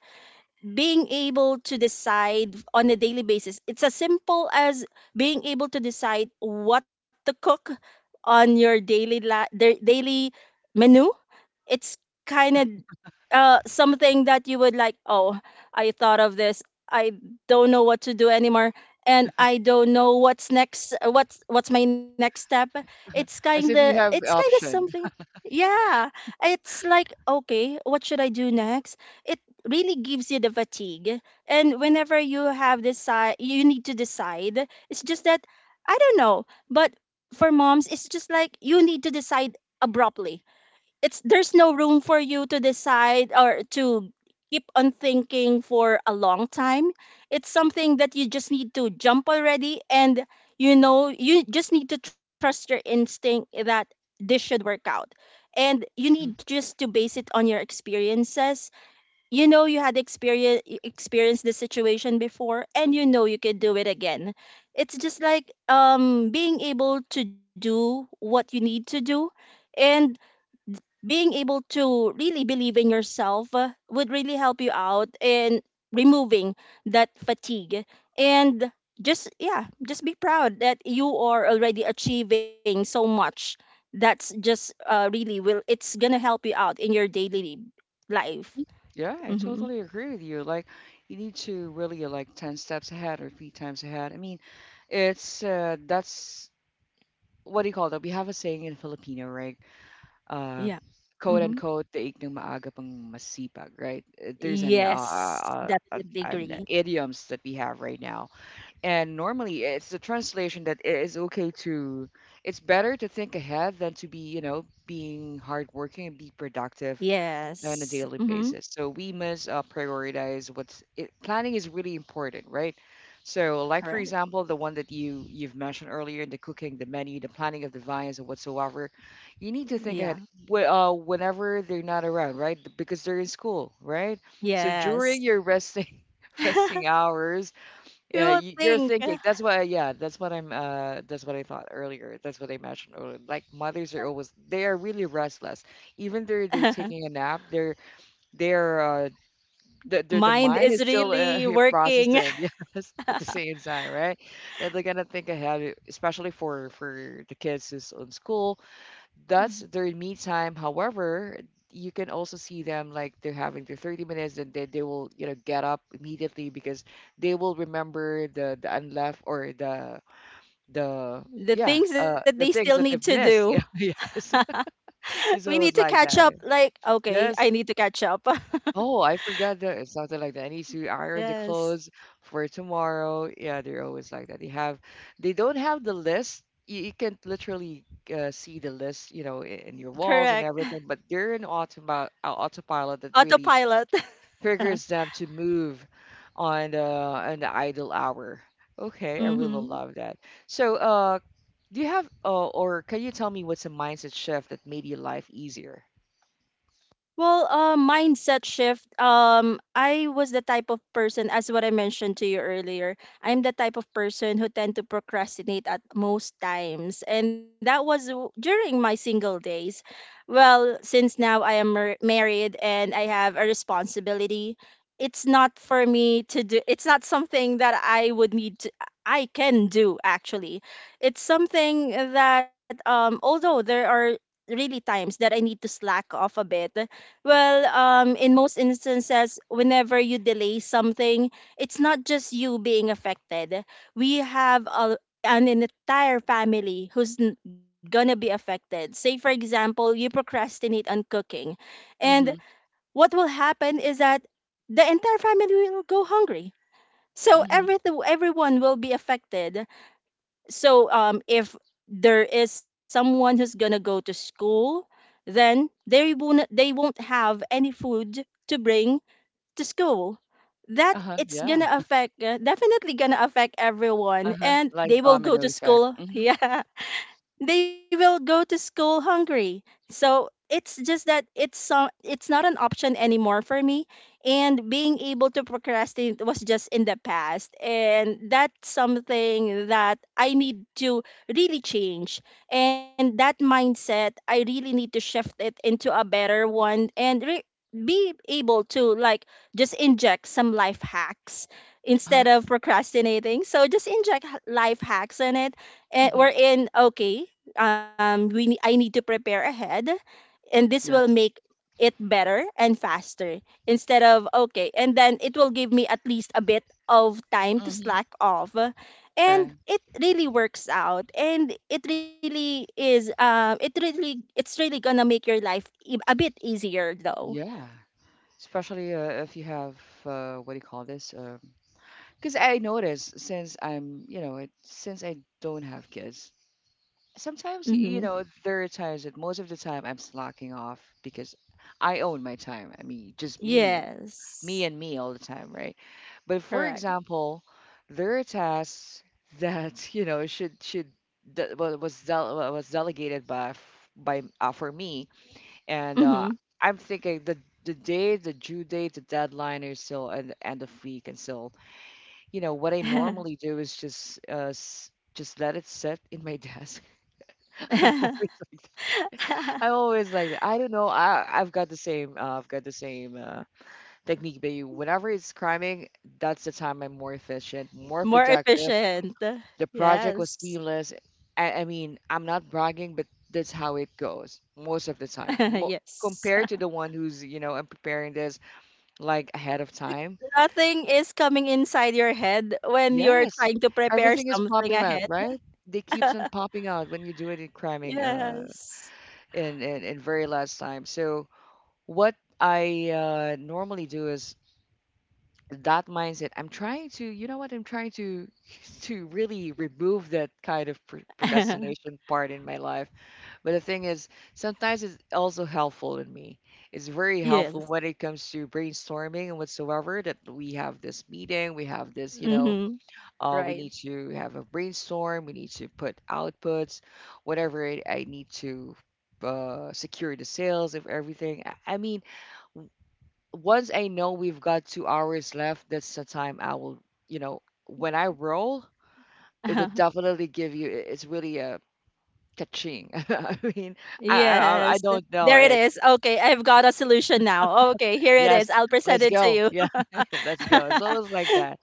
S2: being able to decide on a daily basis, it's as simple as being able to decide what to cook on their daily menu. It's kind of something that you would like, oh, I thought of this, I don't know what to do anymore, and I don't know what's next, what's my next step.
S1: As if you
S2: It's
S1: have
S2: kind of
S1: option.
S2: something. Yeah, it's like okay, what should I do next. It really gives you the fatigue. And whenever you have this you need to decide, it's just that I don't know, but for moms it's just like you need to decide abruptly. It's there's no room for you to decide or to keep on thinking for a long time. It's something that you just need to jump already, and you know you just need to trust your instinct that this should work out. And you
S1: Mhm.
S2: need just to base it on your experiences. You know, you had experienced the situation before, and you know you can do it again. It's just like being able to do what you need to do, and being able to really believe in yourself, would really help you out in removing that fatigue. And just yeah, just be proud that you are already achieving so much. That's just really will it's gonna help you out in your daily life.
S1: Yeah, I
S2: Mm-hmm.
S1: totally agree with you. Like you need to really like ten steps ahead or three times ahead. I mean, it's that's what do you call that? We have a saying in Filipino, right?
S2: Yeah.
S1: Uh, quote
S2: Mm-hmm.
S1: unquote, "Taig ng maaga pang masipag," right? There's
S2: Yes, definitely
S1: an
S2: agree.
S1: idioms that we have right now. And normally, it's a translation that it is okay to. It's better to think ahead than to be, being hardworking and be productive on a
S2: Yes.
S1: daily
S2: Mm-hmm.
S1: basis. So we must prioritize what's it, planning is really important, right? So, like for
S2: Correct.
S1: example, the one that you've mentioned earlier, the cooking, the menu, the planning of the vines or whatsoever, you need to
S2: Yeah.
S1: think ahead whenever they're not around, right? Because they're in school, right? So
S2: Yes.
S1: during your resting
S2: You
S1: resting hours, yeah,
S2: will
S1: you're
S2: think.
S1: thinking. That's why, yeah, that's what I'm, that's what I thought earlier. That's what I mentioned earlier. Like mothers are always, they are really restless. Even though they're taking a nap, they're, the
S2: Mind
S1: mind
S2: is
S1: is still
S2: really
S1: here
S2: working.
S1: processing, yes, at the same time, right? That they're gonna think ahead, especially for the kids who's in school,
S2: Mhm.
S1: that's their me time. However, you can also see them like they're having their 30 minutes and then they will, you know, get up immediately because they will remember the unleft or the
S2: The
S1: yeah,
S2: things that they
S1: the
S2: still
S1: things
S2: need to
S1: that they've
S2: do.
S1: missed. Yeah, yes. So
S2: We
S1: it's
S2: need to
S1: always like
S2: catch up.
S1: that.
S2: Like, okay, I
S1: Yes.
S2: need to catch up.
S1: Oh, I forgot that it's something like that. I need to iron the
S2: Yes,
S1: clothes for tomorrow. Yeah, they're always like that. They have, they don't have the list. You can literally see the list, you know, in your
S2: correct.
S1: walls and everything. But they're an automa autopilot that really
S2: Autopilot.
S1: triggers them to move on the idle hour. Okay, I really
S2: Mm-hmm.
S1: love that. So, do you have or can you tell me what's a mindset shift that made your life easier?
S2: Well, mindset shift. I was the type of person, as what I mentioned to you earlier, I'm the type of person who tend to procrastinate at most times, and that was during my single days. Well, since now I am married and I have a responsibility, it's not for me to do. It's not something that I would need to. I can do actually. It's something that, although there are really times that I need to slack off a bit. Well, in most instances, whenever you delay something, it's not just you being affected. We have a, an entire family who's gonna be affected. Say, for example, you procrastinate on cooking, and
S1: Mm-hmm.
S2: what will happen is that the entire family will go hungry. So
S1: Mm-hmm.
S2: everything, everyone will be affected. So if there is someone who's gonna go to school, then they won't have any food to bring to school. That
S1: Uh-huh.
S2: it's
S1: Yeah.
S2: gonna affect definitely gonna affect everyone,
S1: Uh-huh.
S2: and
S1: Like
S2: they will go
S1: domino
S2: to
S1: effect.
S2: school.
S1: Mm-hmm.
S2: Yeah, they will go to school hungry. So it's just that it's not an option anymore for me. And being able to procrastinate was just in the past. And that's something that I need to really change. And that mindset, I really need to shift it into a better one and be able to like just inject some life hacks
S1: Uh-huh.
S2: instead of procrastinating. So just inject life hacks in it and we're
S1: Mm-hmm.
S2: in okay. I need to prepare ahead and this will make
S1: Yes.
S2: it better and faster instead of okay, and then it will give me at least a bit of time to
S1: Mm-hmm.
S2: slack off.
S1: Uh,
S2: And it really works out, and it really is it's really gonna make your life a bit easier though.
S1: yeah. Especially if you have what do you call this? Because I notice since I'm, you know, it, since I don't have kids, sometimes
S2: Mm-hmm.
S1: you know there are times that most of the time I'm slacking off because I own my time. I mean just me and
S2: Yes,
S1: me all the time, right? But for
S2: correct.
S1: example, there are tasks that you know should that was delegated by f- by for me, and
S2: Mm-hmm.
S1: I'm thinking the day the due date the deadline is still at the end of week, and so you know what I normally do is just just let it sit in my desk. I'm always. I always like that. I don't know. I've got the same I've got the same technique. But you, whenever it's cramming, that's the time I'm more efficient, more
S2: More
S1: productive.
S2: efficient.
S1: The project was
S2: Yes.
S1: seamless. I mean, I'm not bragging, but that's how it goes most of the time.
S2: Yes.
S1: Compared to the one who's you know I'm preparing this like ahead of
S2: Like,
S1: time.
S2: nothing is coming inside your head when you're
S1: Yes,
S2: trying to prepare
S1: everything is
S2: something
S1: popping up,
S2: ahead.
S1: right? They keeps on popping out when you do it in cramming uh
S2: Yes.
S1: in in, in very last time. So. What I normally do is that mindset. I'm trying to, you know what? I'm trying to to really remove that kind of procrastination part in my life. But the thing is, sometimes it's also helpful in me. It's very
S2: Yes.
S1: helpful when it comes to brainstorming and whatsoever. That we have this meeting, we have this, you know,
S2: Mm-hmm.
S1: we
S2: Right.
S1: need to have a brainstorm. We need to put outputs, whatever it, I need to secure the sales of everything. I mean once I know we've got 2 hours left, that's the time I will, you know, when I roll, it would definitely give you. It's really a catching. I mean, I, I
S2: Yes.
S1: I I don't
S2: There it
S1: know
S2: is.
S1: it.
S2: Okay, I've got a solution now. Okay, here it
S1: Yes,
S2: is. I'll present
S1: let's
S2: it to
S1: go.
S2: you.
S1: Yeah, let's go. It's always like that.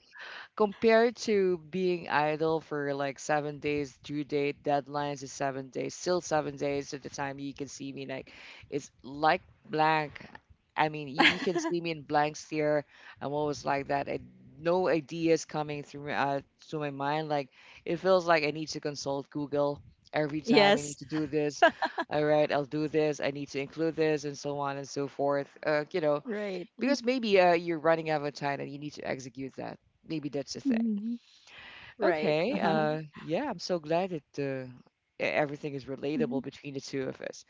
S1: Compared to being idle for like 7 days, due date, deadlines is 7 days, still 7 days at the time you can see me. Like, it's like blank. I mean, you can see me in blank stare. I'm always like that. I, no ideas coming through my mind. Like, it feels like I need to consult Google every time I need
S2: Yes.
S1: to do this. All right, I'll do this. I need to include this, and so on and so forth. You know,
S2: Right.
S1: because maybe you're running out of time and you need to execute that. Maybe that's the thing.
S2: Mhm. Right.
S1: Okay.
S2: Uh-huh.
S1: Yeah, I'm so glad that everything is
S2: Mhm.
S1: relatable between the two of us.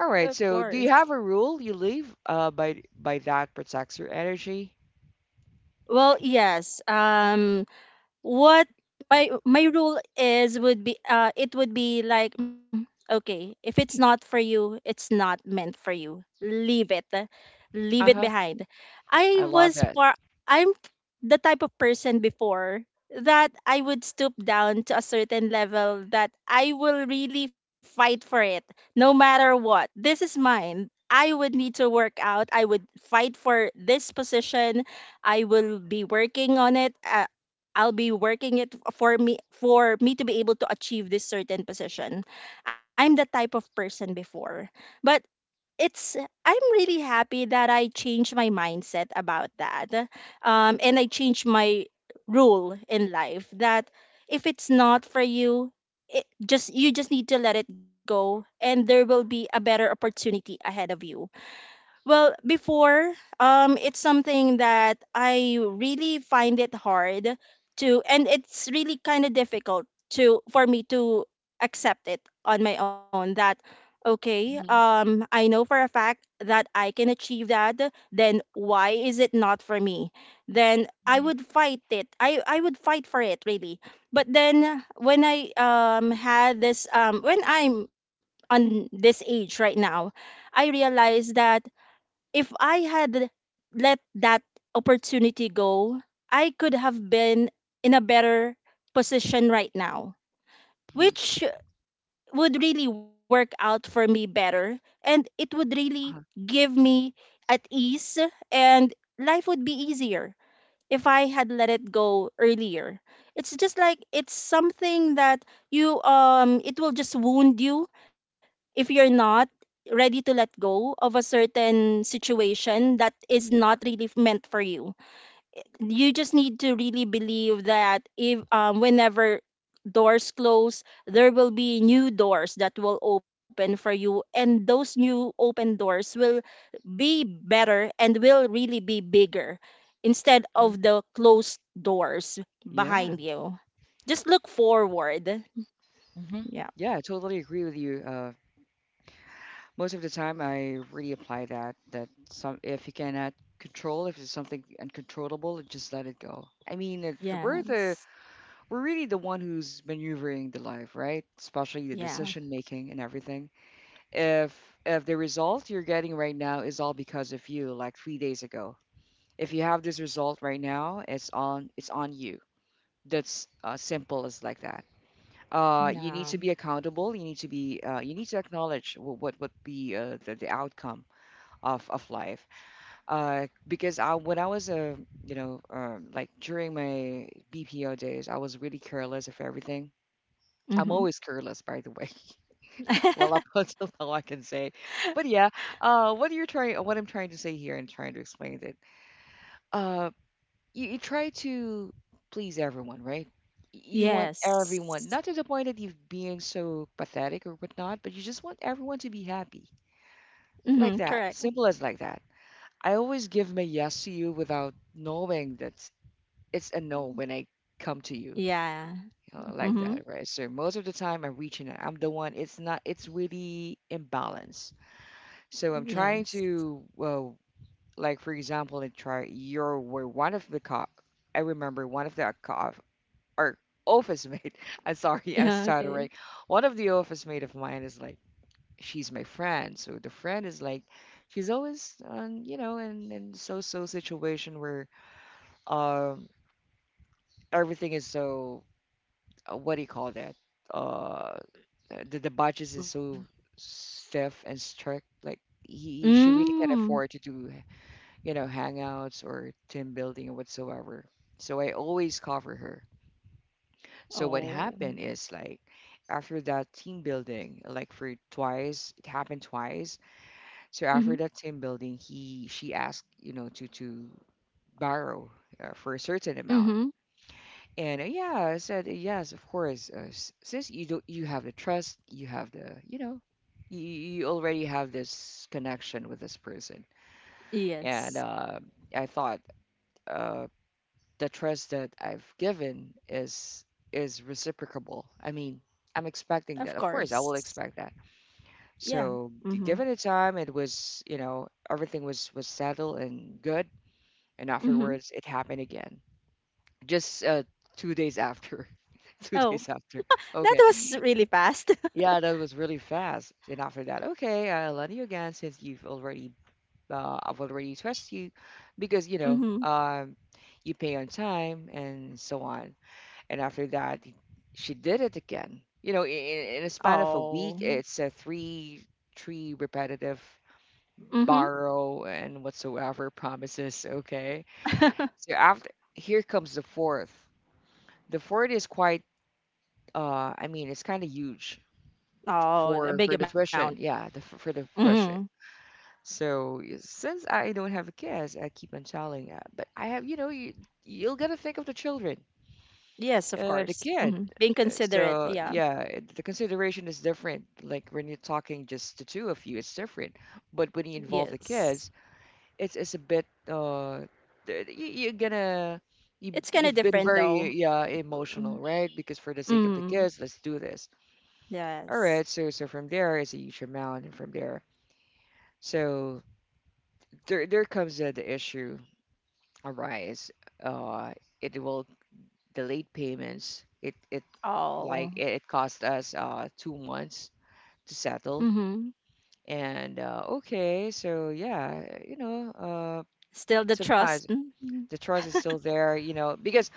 S1: All
S2: Of
S1: right. So,
S2: course.
S1: do you have a rule you leave by that protects your energy?
S2: Well, yes. What my rule is would be it would be like, "Mm, okay, if it's not for you, it's not meant for you, leave it, leave
S1: Uh
S2: it
S1: huh.
S2: behind." I
S1: I love
S2: was
S1: that.
S2: par I'm the type of person before that I would stoop down to a certain level that I will really fight for it, no matter what. This is mine, I would need to work out. I would fight for this position. I will be working on it. I'll be working it for me, for me to be able to achieve this certain position. I'm the type of person before. But it's, I'm really happy that I changed my mindset about that. And I changed my rule in life that if it's not for you, it just you just need to let it go, and there will be a better opportunity ahead of you. Well, before, it's something that I really find it hard to, and it's really kind of difficult to for me to accept it on my own. That okay,
S1: Hmm.
S2: I know for a fact that I can achieve that. Then why is it not for me? Then I
S1: Hmm.
S2: would fight it. I would fight for it really. But then when I had this when I'm on this age right now, I realized that if I had let that opportunity go, I could have been in a better position right now, which would really work out for me better. And it would really
S1: Uh-huh.
S2: give me at ease, and life would be easier if I had let it go earlier. It's just like it's something that you, it will just wound you if you're not ready to let go of a certain situation that is not really meant for you. You just need to really believe that if whenever doors close, there will be new doors that will open for you, and those new open doors will be better and will really be bigger instead
S1: Mhm.
S2: of the closed doors
S1: Yeah.
S2: behind you. Just look forward.
S1: Mm-hmm.
S2: Yeah.
S1: Yeah, I totally agree with you, most of the time I really apply that that some if you cannot control if it's something uncontrollable just let it go. I mean it,
S2: Yes.
S1: we're really the one who's maneuvering the life, right? Especially the
S2: Yeah,
S1: decision making and everything. If the result you're getting right now is all because of you like 3 days ago, if you have this result right now it's on you. That's simple as like that. You need
S2: yeah.
S1: to be accountable. You need to be. You need to acknowledge what would be the outcome of life. Because I when I was a you know like during my BPO days, I was really careless of everything. I'm
S2: Mm-hmm.
S1: always careless, by the way. Well, up until now, I can say. But yeah, what I'm trying to say here and trying to explain it, uh, you try to please everyone, right? You want
S2: Yes.
S1: everyone, not to the point that you're being so pathetic or whatnot, but you just want everyone to be happy,
S2: Mm-hmm.
S1: like that,
S2: Correct.
S1: simple as like that. I always give my yes to you without knowing that it's a no when
S2: Mm.
S1: I come to you,
S2: Yeah.
S1: you know, like that,
S2: Mm-hmm.
S1: right? So most of the time I'm reaching out. I'm the one. It's not. It's really imbalance. So I'm trying
S2: Yes.
S1: to, well, like for example, and try. You're were one of the co. I remember one of the co or office mate. I'm sorry, I'm
S2: Yeah.
S1: stuttering.
S2: Okay.
S1: One of the office mate of mine is like, she's my friend. So the friend is like, she's always on, you know, in so situation where um everything is so what do you call that, uh the budget is so stiff and strict, like he she really can't afford
S2: Mm.
S1: to do you know hangouts or team building or whatsoever, so I always cover her. So what
S2: Oh.
S1: happened is like after that team building, like for twice it happened twice. So
S2: Mm-hmm.
S1: after that team building he she asked you know to borrow for a certain amount.
S2: Mm-hmm.
S1: And yeah, I said, yes, of course. Since you do, you have the trust, you have the, you know, you already have this connection with this person. And
S2: Yes.
S1: I thought uh, the trust that I've given is reciprocable. I mean, I'm expecting that.
S2: Of
S1: Of course, I will
S2: course.
S1: expect that.
S2: Yeah.
S1: So
S2: Mm-hmm.
S1: given the time, it was, you know, everything was settled and good. And
S2: Mm-hmm.
S1: afterwards, it happened again. Just 2 days after. Two
S2: Oh,
S1: days after.
S2: that
S1: Okay.
S2: was really fast.
S1: Yeah, that was really fast. And after that, okay, I love you again since you've already, I've already trust you because, you know,
S2: Mm-hmm.
S1: you pay on time and so on. And after that, she did it again. You know, in a span of a week,
S2: Oh.
S1: it's a three, three repetitive
S2: Mm-hmm.
S1: borrow and whatsoever promises. Okay. So after, here comes the fourth. The fourth is quite. I mean, it's kind of huge
S2: Oh, a big
S1: for the
S2: amount.
S1: tuition. Yeah, the, for the
S2: Mm-hmm.
S1: tuition. So since I don't have a kids, I keep on telling, that. But I have, you you'll gotta think of the children,
S2: Yes, of
S1: the
S2: course.
S1: kid.
S2: Mm-hmm. Being
S1: Uh,
S2: considerate.
S1: So
S2: Yeah.
S1: yeah, the consideration is different. Like when you're talking just the two of you, it's different. But when you involve the
S2: Yes.
S1: kids, it's a bit you, you're gonna
S2: It's kind of
S1: you've been
S2: different though.
S1: very yeah emotional,
S2: Mm,
S1: right? Because for the sake of the
S2: mm,
S1: kids, let's do this. All
S2: yes.
S1: right, so from there is a huge amount, and from there, so there comes the issue arise. Uh, it will delay payments. It like
S2: Oh.
S1: it cost us 2 months to settle.
S2: Mm-hmm.
S1: And okay, so yeah,
S2: Still the trust.
S1: sometimes
S2: Mm-hmm.
S1: the trust is still there, you know, because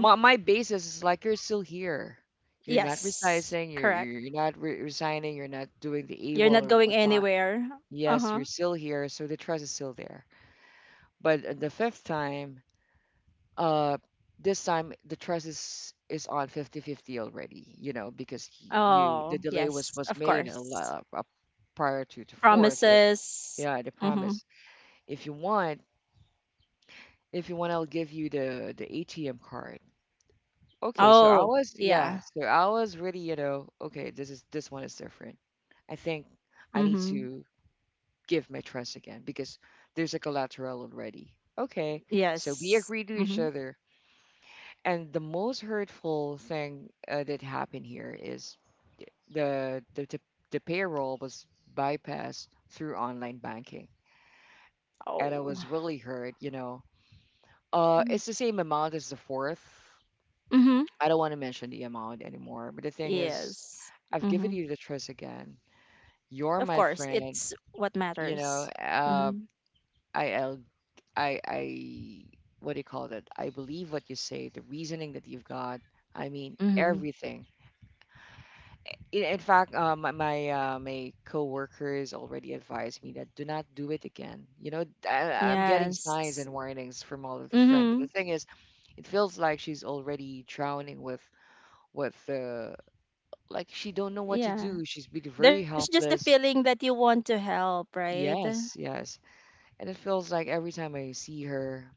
S1: my basis is like you're still here. You're not
S2: Yes.
S1: resizing, you're
S2: Correct.
S1: you're you're not re resigning, you're not doing the
S2: You're
S1: AWOL
S2: not
S1: or
S2: going
S1: whatnot.
S2: anywhere.
S1: Yes, you're
S2: Uh-huh.
S1: still here, so the trust is still there. But the fifth time, uh, this time the trust is on 50-50 already, you know, because you the
S2: Oh,
S1: delay was
S2: yes.
S1: was
S2: Of
S1: made a
S2: course.
S1: lot prior to the fourth.
S2: Promises.
S1: Yeah, the
S2: Mm-hmm.
S1: promise. If you want, if you want, I'll give you the ATM card. Okay, so I
S2: Oh,
S1: was yeah,
S2: yeah.
S1: so I was really, you know, okay, this one is different. I think I need
S2: Mm-hmm.
S1: to give my trust again because there's like, a collateral already. Okay, so we
S2: Yes.
S1: agree to each
S2: Mm-hmm.
S1: other. And the most hurtful thing that happened here is the, the the the payroll was bypassed through online banking, and I
S2: Oh.
S1: was really hurt. You know,
S2: Mm-hmm.
S1: it's the same amount as the fourth. I don't want to mention the amount anymore, but the thing is,
S2: Yes.
S1: I've given
S2: Mm-hmm.
S1: you the trust again.
S2: Of
S1: You're
S2: course.
S1: my
S2: It's
S1: friend.
S2: what
S1: You
S2: matters.
S1: know, uh,
S2: Mm-hmm.
S1: I I'll, I what do you call that? I believe what you say, the reasoning that you've got. I mean
S2: Mm-hmm.
S1: everything. In fact, my coworkers already advised me that do not do it again. You know, I'm getting signs
S2: Yes.
S1: and warnings from all of the friend, but
S2: Mm-hmm.
S1: the thing is, it feels like she's already drowning with with uh, like she don't know what to
S2: Yeah.
S1: do. She's been very
S2: There's just a
S1: helpless.
S2: feeling that you want to help, right?
S1: Yes, yes, and it feels like every time I see her,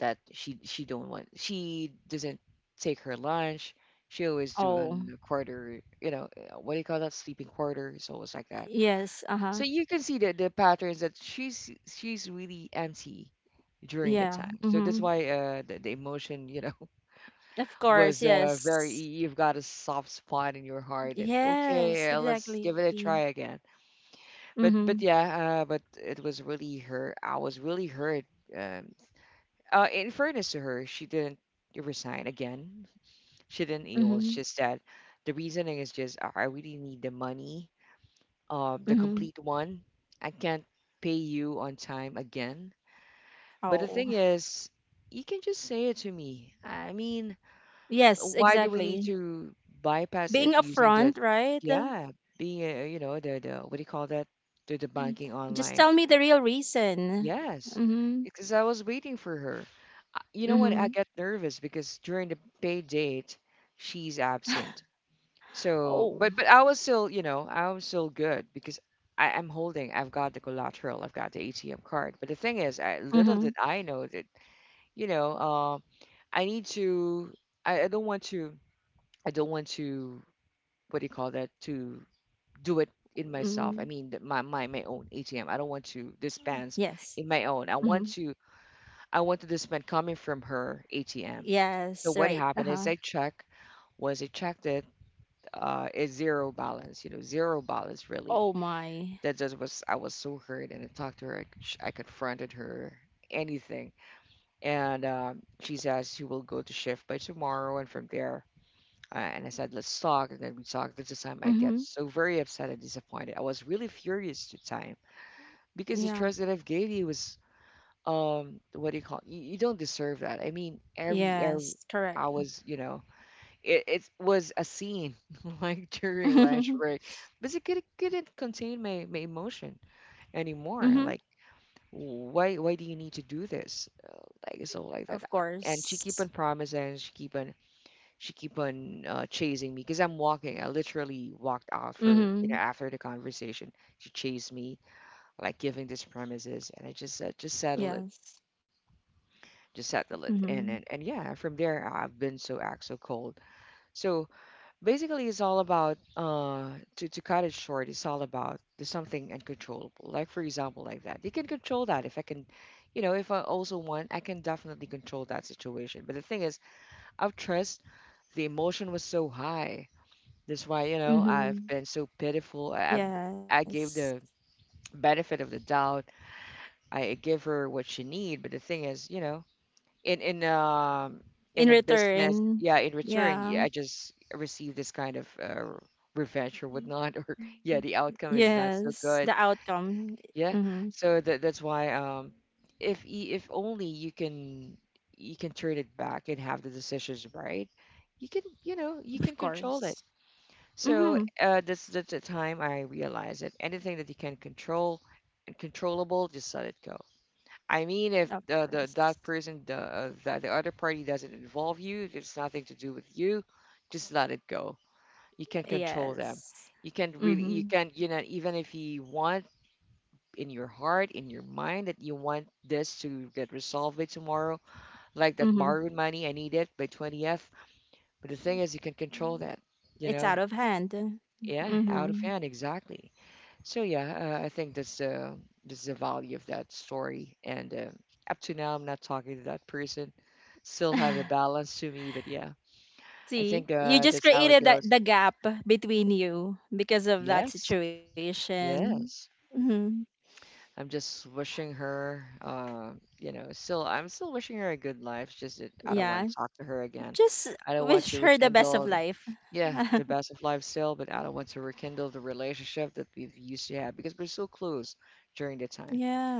S1: that she don't want she doesn't take her lunch. She always
S2: Oh,
S1: doing the quarter, what do you call that, sleeping quarter? It's always like that.
S2: yes. Uh huh.
S1: So you can see the patterns that she's really empty during the
S2: Yeah.
S1: time. So that's
S2: Mm-hmm.
S1: why the emotion, you know.
S2: Of course.
S1: Was very
S2: Yes.
S1: you've got a soft spot in your heart, and
S2: Yes.
S1: okay, let's give it
S2: Exactly.
S1: a try again. But
S2: Mm-hmm.
S1: but it was really her. I was really hurt. Um in fairness to her, she didn't resign again. She didn't. It was
S2: Mm-hmm.
S1: just that the reasoning is just, I really need the money, the
S2: Mm-hmm.
S1: complete one. I can't pay you on time again. But the
S2: Oh,
S1: thing is, you can just say it to me. I mean,
S2: yes.
S1: why do we need
S2: Exactly.
S1: to bypass it
S2: Being
S1: using the,
S2: upfront, right? Mm.
S1: yeah, being the what do you call that? The banking
S2: Just tell
S1: online.
S2: me the real reason.
S1: Yes,
S2: Mm-hmm.
S1: because I was waiting for her. You know what? I
S2: Mm-hmm.
S1: get nervous because during the pay date, she's absent. So,
S2: Oh.
S1: but I was still, you know, I was still good because I am holding. I've got the collateral. I've got the ATM card. But the thing is, little
S2: Mm-hmm.
S1: did I know that, you know, uh, I need to. I don't want to. I don't want to. What do you call that? To do it in
S2: Mm.
S1: myself. I mean, my own ATM. I don't want to dispense
S2: Yes.
S1: in my own. I
S2: Mm-hmm.
S1: want to I wanted this man coming from her ATM. So
S2: Yes.
S1: what
S2: Right. Uh
S1: happened is
S2: huh.
S1: I checked it, it's zero balance, you know, zero balance
S2: Oh
S1: really.
S2: my.
S1: I was so hurt and I talked to her, I confronted her, anything. And she says she will go to shift by tomorrow and from there. And I said, let's talk. And then we talked. That's the time I get
S2: Mm-hmm.
S1: so very upset and disappointed. I was really furious to time because the
S2: Yeah.
S1: trust that I've gave you was what do you call, you don't deserve that. I mean every
S2: Yes, correct.
S1: I was, you know, it was a scene like during lunch
S2: Mm-hmm.
S1: break, because it couldn't contain my emotion anymore. Like, why do you need to do this? Like so like that.
S2: Of
S1: And she keep on
S2: course.
S1: promising. She keep on chasing me because I'm walking. I literally walked out for, you
S2: Mm-hmm.
S1: know, after the conversation. She chased me like giving this promises, and I just said just settle it,
S2: Yes.
S1: just settle it.
S2: Mm-hmm.
S1: And yeah, from there I've been so act so cold. So basically it's all about to cut it short, it's all about the something uncontrollable. Like for example like that, you can control that. If I can, you know, if I also want, I can definitely control that situation. But the thing is, I've trust, the emotion was so high, that's why, you know, I've
S2: Mm-hmm.
S1: been so pitiful. I
S2: Yes.
S1: gave the benefit of the doubt. I gave her what she need, but the thing is, you know, in in um
S2: In
S1: in a business,
S2: return,
S1: yeah, in return,
S2: yeah.
S1: yeah, I just receive this kind of revenge or
S2: Mm.
S1: whatnot or yeah, the outcome is not
S2: Yes,
S1: so
S2: the
S1: good,
S2: outcome.
S1: yeah.
S2: Mm-hmm.
S1: So that that's why, if if only you can turn it back and have the decisions right, you can, you know, you can
S2: Of
S1: control it.
S2: course.
S1: So
S2: Mm-hmm.
S1: that's the time I realize that anything that you can control and controllable, just let it go. I mean,
S2: Of
S1: if the,
S2: course.
S1: the that person, the the other party doesn't involve you, it's nothing to do with you. Just let it go. You can control them.
S2: Yes.
S1: You can really, you
S2: Mm-hmm.
S1: can, you know, even if you want in your heart, in your mind that you want this to get resolved by tomorrow, like that
S2: Mm-hmm.
S1: borrowed money, I need it by 20th. But the thing is, you can control that. You
S2: It's out
S1: know,
S2: of hand.
S1: yeah, out of
S2: Mm-hmm.
S1: hand, exactly. So yeah, I think that's the value of that story. And up to now, I'm not talking to that person. Still have a balance to me, but yeah, I
S2: See,
S1: think
S2: you just
S1: that's how it
S2: created
S1: goes.
S2: the gap between you because of that
S1: Yes,
S2: situation.
S1: yes.
S2: Hmm.
S1: I'm just wishing her, still I'm still wishing her a good life. It's just that I don't
S2: Yeah,
S1: want to talk to her again.
S2: just
S1: I don't want
S2: wish
S1: to
S2: her the best of
S1: rekindle, the,
S2: life.
S1: yeah, the best of life still, but I don't want to rekindle the relationship that we've used to have because we're so close during the time.
S2: Yeah.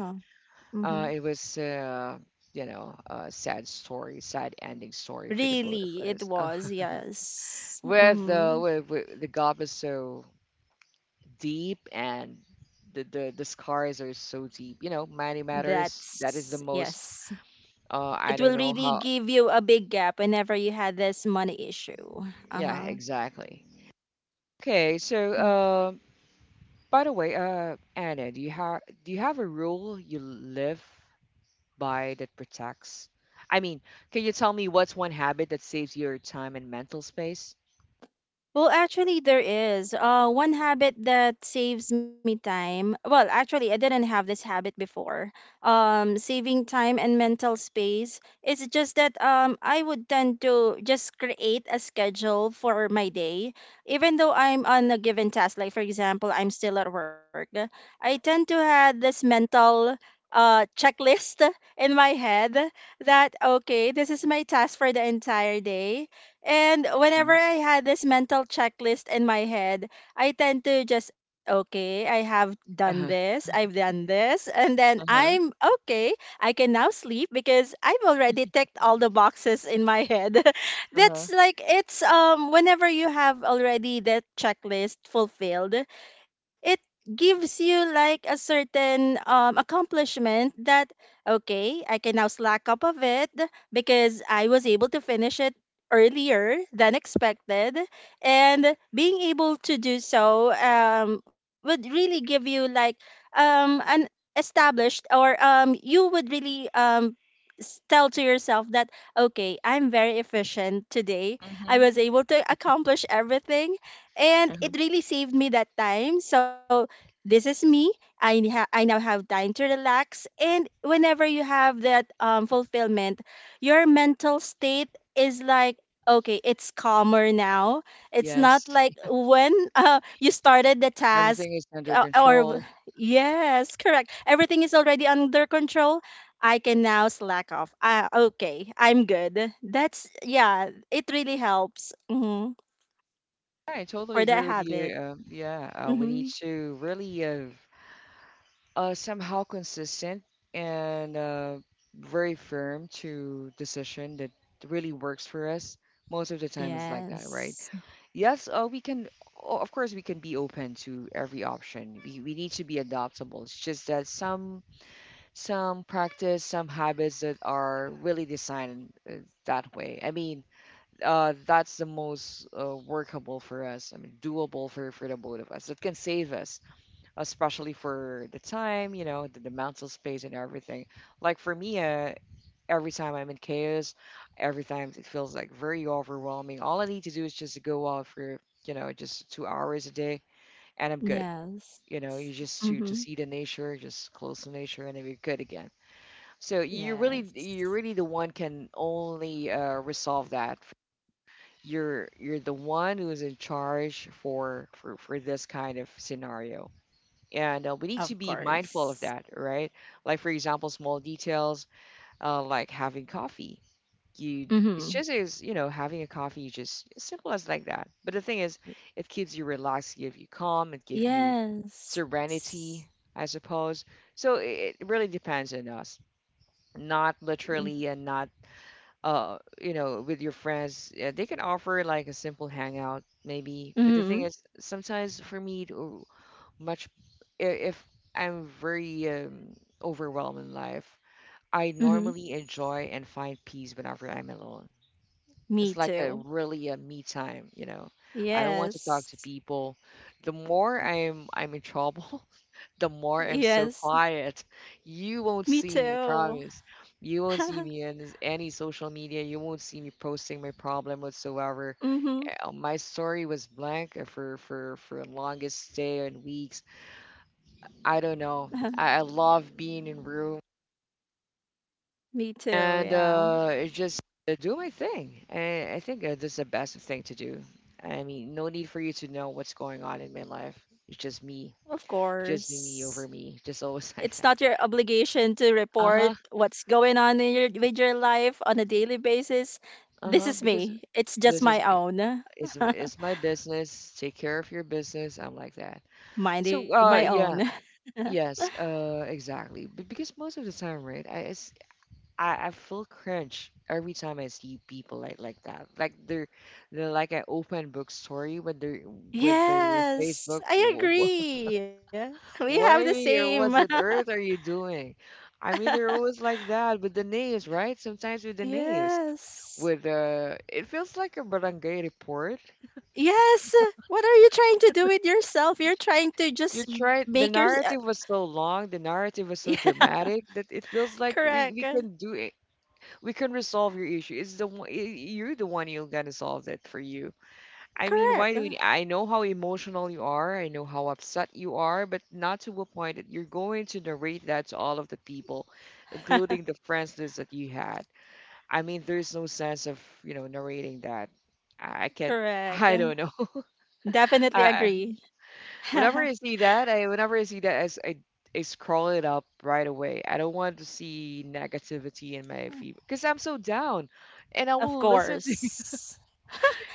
S2: Hmm.
S1: It was, a sad story, sad ending story for the both
S2: Really,
S1: of
S2: it
S1: us.
S2: was, yes.
S1: With the
S2: Hmm.
S1: with the gulf is so deep and the scars are so deep. You know, money matters. That
S2: That's,
S1: is the most.
S2: yes.
S1: I
S2: It
S1: don't
S2: will
S1: know
S2: really
S1: how.
S2: give you a big gap whenever you had this money issue.
S1: Yeah,
S2: Uh
S1: exactly. Okay, so
S2: huh.
S1: by the way, Anna, do you have a rule you live by that protects? I mean, can you tell me what's one habit that saves your time and mental space?
S2: Well, actually, there is one habit that saves me time. Well, actually, I didn't have this habit before. Saving time and mental space. It's just that I would tend to just create a schedule for my day, even though I'm on a given task. Like for example, I'm still at work. I tend to have this mental checklist in my head that okay, this is my task for the entire day. And whenever
S1: Mhm.
S2: I had this mental checklist in my head, I tend to just, okay, I have done
S1: Uh-huh,
S2: this, I've done this, and then
S1: uh-huh,
S2: I'm okay. I can now sleep because I've already ticked all the boxes in my head.
S1: uh-huh,
S2: That's like, it's whenever you have already that checklist fulfilled, it gives you like a certain accomplishment that okay, I can now slack up of it because I was able to finish it earlier than expected. And being able to do so would really give you like an established or you would really tell to yourself that okay, I'm very efficient today. I
S1: mhm,
S2: was able to accomplish everything, and
S1: uh-huh.
S2: it really saved me that time. So this is me. I now have time to relax. And whenever you have that fulfillment, your mental state is like okay, it's calmer now. It's
S1: Yes,
S2: not like when you started the
S1: everything
S2: task
S1: is under control.
S2: yes, correct, everything is already under control. I can now slack off. Ah, okay, I'm good. That's, yeah, it really helps. Hmm.
S1: I totally
S2: For
S1: agree
S2: that
S1: with you.
S2: habit.
S1: Yeah, we need
S2: Hmm.
S1: to really somehow consistent and very firm to decision that really works for us. Most of the time is like that, right?
S2: Yes.
S1: Yes, we can, of course, we can be open to every option. We need to be adaptable. It's just that some practice, some habits that are really designed that way. I mean, that's the most workable for us. I mean, doable for the both of us. It can save us, especially for the time, you know, the mental space and everything. Like for me, every time I'm in chaos, every time it feels like very overwhelming. All I need to do is just to go out for you know just 2 hours a day, and I'm good.
S2: Yes.
S1: You know, you just
S2: Hmm.
S1: to see the nature, just close to nature, and then you're good again. So
S2: Yes.
S1: you're really the one can only resolve that. You're the one who is in charge for this kind of scenario, and
S2: Of
S1: we need to be
S2: course.
S1: mindful of that, right? Like for example, small details, like having coffee. You It's
S2: Hmm.
S1: just, as you know, having a coffee, you just as simple as like that. But the thing is, it keeps you relaxed, give you calm, it give you
S2: Yes.
S1: serenity, I suppose. So it really depends on us, not
S2: Mm-hmm.
S1: literally and not with your friends, yeah, they can offer like a simple hangout maybe, but the thing is sometimes for me to much if I'm very overwhelmed in life. I
S2: Mm-hmm.
S1: normally enjoy and find peace whenever I'm alone.
S2: Me
S1: It's like a
S2: too.
S1: really a me time. I don't want to talk to
S2: Yes.
S1: people. The more I'm in trouble the more I'm
S2: Yes.
S1: so quiet. You
S2: Me
S1: won't see me,
S2: too.
S1: promise. You won't see me in this- any social media. You won't see me posting my problem whatsoever.
S2: Mhm.
S1: My story was blank for longest day and weeks. I don't know. I love being in room
S2: Me too.
S1: and
S2: Yeah.
S1: it just do my thing. I think that's the best thing to do. I mean, no need for you to know what's going on in my life. It's
S2: Of
S1: just
S2: course.
S1: me over me, just always
S2: It's
S1: like
S2: not
S1: that.
S2: your obligation to
S1: Uh
S2: report
S1: huh.
S2: what's going on in your with your life on a daily basis. This
S1: Uh-huh,
S2: is
S1: because
S2: me. It's just
S1: this is
S2: my own.
S1: it's my business. Take care of your business. I'm like that.
S2: Minding
S1: So
S2: my own.
S1: yeah, yes, exactly. But because most of the time, right, I feel cringe every time I see people like that. Like they're like an open book story with their with their
S2: Yes.
S1: Facebook.
S2: I agree. We have the
S1: What are you,
S2: same.
S1: or what on earth are you doing? I mean, they're always like that with the names, right? Sometimes with the names,
S2: Yes.
S1: with it feels like a barangay report.
S2: Yes. What are you trying to do with yourself? You're trying to
S1: You
S2: just make
S1: tried,
S2: your
S1: the narrative was so long, the narrative was so
S2: yeah,
S1: dramatic that it feels like
S2: correct.
S1: we can do it. We can resolve your issue. It's the you're the one who's gonna solve it for you. I mean,
S2: Correct.
S1: I know how emotional you are, I know how upset you are, but not to a point that you're going to narrate that to all of the people, including the friends list that you had. I mean, there's no sense of, you know, narrating that. I can't,
S2: Correct.
S1: I don't know.
S2: Definitely
S1: I,
S2: agree.
S1: Whenever I see that, I whenever I see that, I scroll it up right away. I don't want to see negativity in my feed because I'm so down, and I
S2: Of
S1: will listen to
S2: course.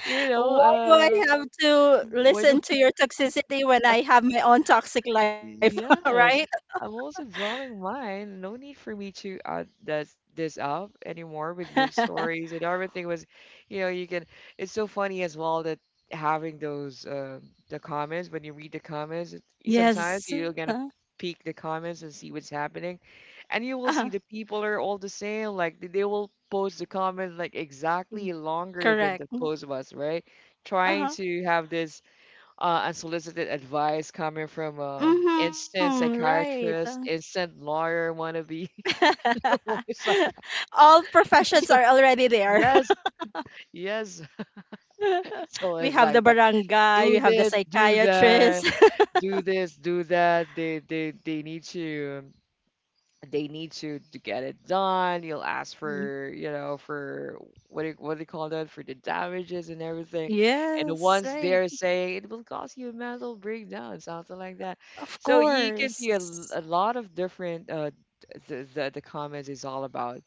S1: you know
S2: Why do I have to
S1: why do
S2: listen to your toxicity when I have my own toxic life, right?
S1: Yes, I'm also dwelling mine. No need for me to add this up anymore with your stories and everything was, you know, you can. It's so funny as well that having those the comments. When you read the comments, sometimes
S2: Yes.
S1: you're gonna peek the comments and see what's happening, and you
S2: Uh-huh.
S1: will see the people are all the same. Like they will post the comment like
S2: Y-
S1: exactly longer than
S2: Correct.
S1: the post was, right? Trying
S2: Uh-huh.
S1: to have this unsolicited advice coming from
S2: Mhm,
S1: instant
S2: right.
S1: psychiatrist, instant lawyer wannabe. It's like,
S2: All professions are
S1: so,
S2: already there.
S1: yes, yes. So
S2: We
S1: it's
S2: have the
S1: like that.
S2: barangay, we
S1: Do
S2: have the
S1: this, do that,
S2: psychiatrist.
S1: do this, do that. They need to. They need to get it done. You'll ask
S2: Mm.
S1: for, you know, for what do what do you call that, for the damages and everything. And the
S2: Yes,
S1: ones,
S2: right.
S1: they're saying it will cause you a mental breakdown, something like that.
S2: Of
S1: So you can see a,
S2: course.
S1: a lot of different the comments is all about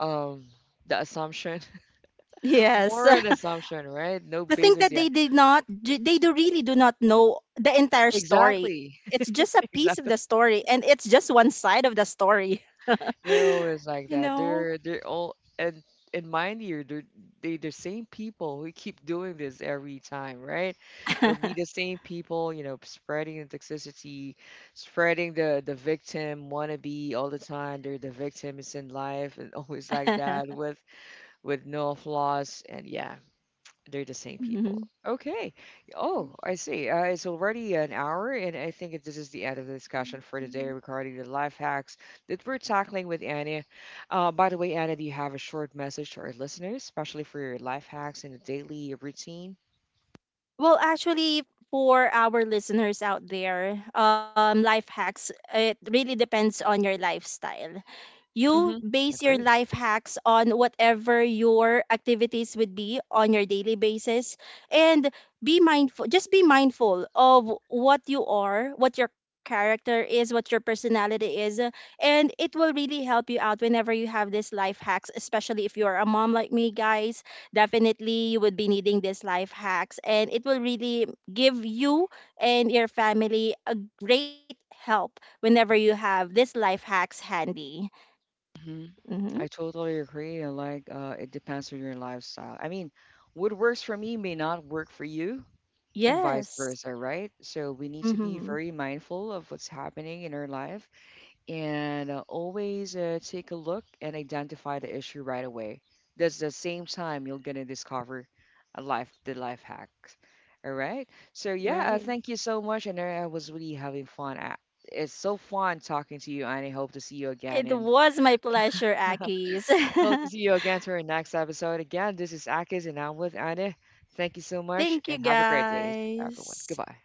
S1: um the assumption,
S2: Yes.
S1: more an assumption, right? No
S2: The thing
S1: basis
S2: that
S1: yet.
S2: they did not, they do really do not know the entire story. It's
S1: Exactly.
S2: just a piece of the story, and it's just one side of the story.
S1: They're always
S2: You
S1: like that.
S2: know?
S1: They're all And mind you, they the same people who keep doing this every time, right? They'll be the same people, you know, spreading the toxicity, spreading the victim wannabe all the time. They're the victims in life, and always like that, with no flaws, and yeah, they're the same people.
S2: Mhm.
S1: Okay. Oh, I see. It's already an hour, and I think this is the end of the discussion for today regarding the life hacks that we're tackling with Anna. By the way, Anna, do you have a short message to our listeners, especially for your life hacks and the daily routine?
S2: Well, actually, for our listeners out there, life hacks, it really depends on your lifestyle. You
S1: Hmm.
S2: base your
S1: Agree.
S2: life hacks on whatever your activities would be on your daily basis. And be mindful, just be mindful of what you are, what your character is, what your personality is. And it will really help you out whenever you have these life hacks, especially if you're a mom like me, guys. Definitely you would be needing these life hacks, and it will really give you and your family a great help whenever you have these life hacks handy.
S1: Hmm.
S2: Mm-hmm.
S1: I totally agree. I Like, it depends on your lifestyle. I mean, what works for me may not work for you, and vice
S2: Yes.
S1: versa, right? So we need to be
S2: Mm-hmm.
S1: very mindful of what's happening in our life, and always take a look and identify the issue right away. That's the same time you're gonna discover a life the life hacks. All right. So yeah,
S2: Right.
S1: thank you so much, and I was really having fun. It's so fun talking to you, and I hope to see you
S2: It
S1: again, and
S2: was my pleasure, Akis.
S1: hope to see you again to our next episode. Again, this is Akis, and I'm with Anna. Thank you so much,
S2: Thank you,
S1: and have a great day, everyone.
S2: guys.
S1: Goodbye.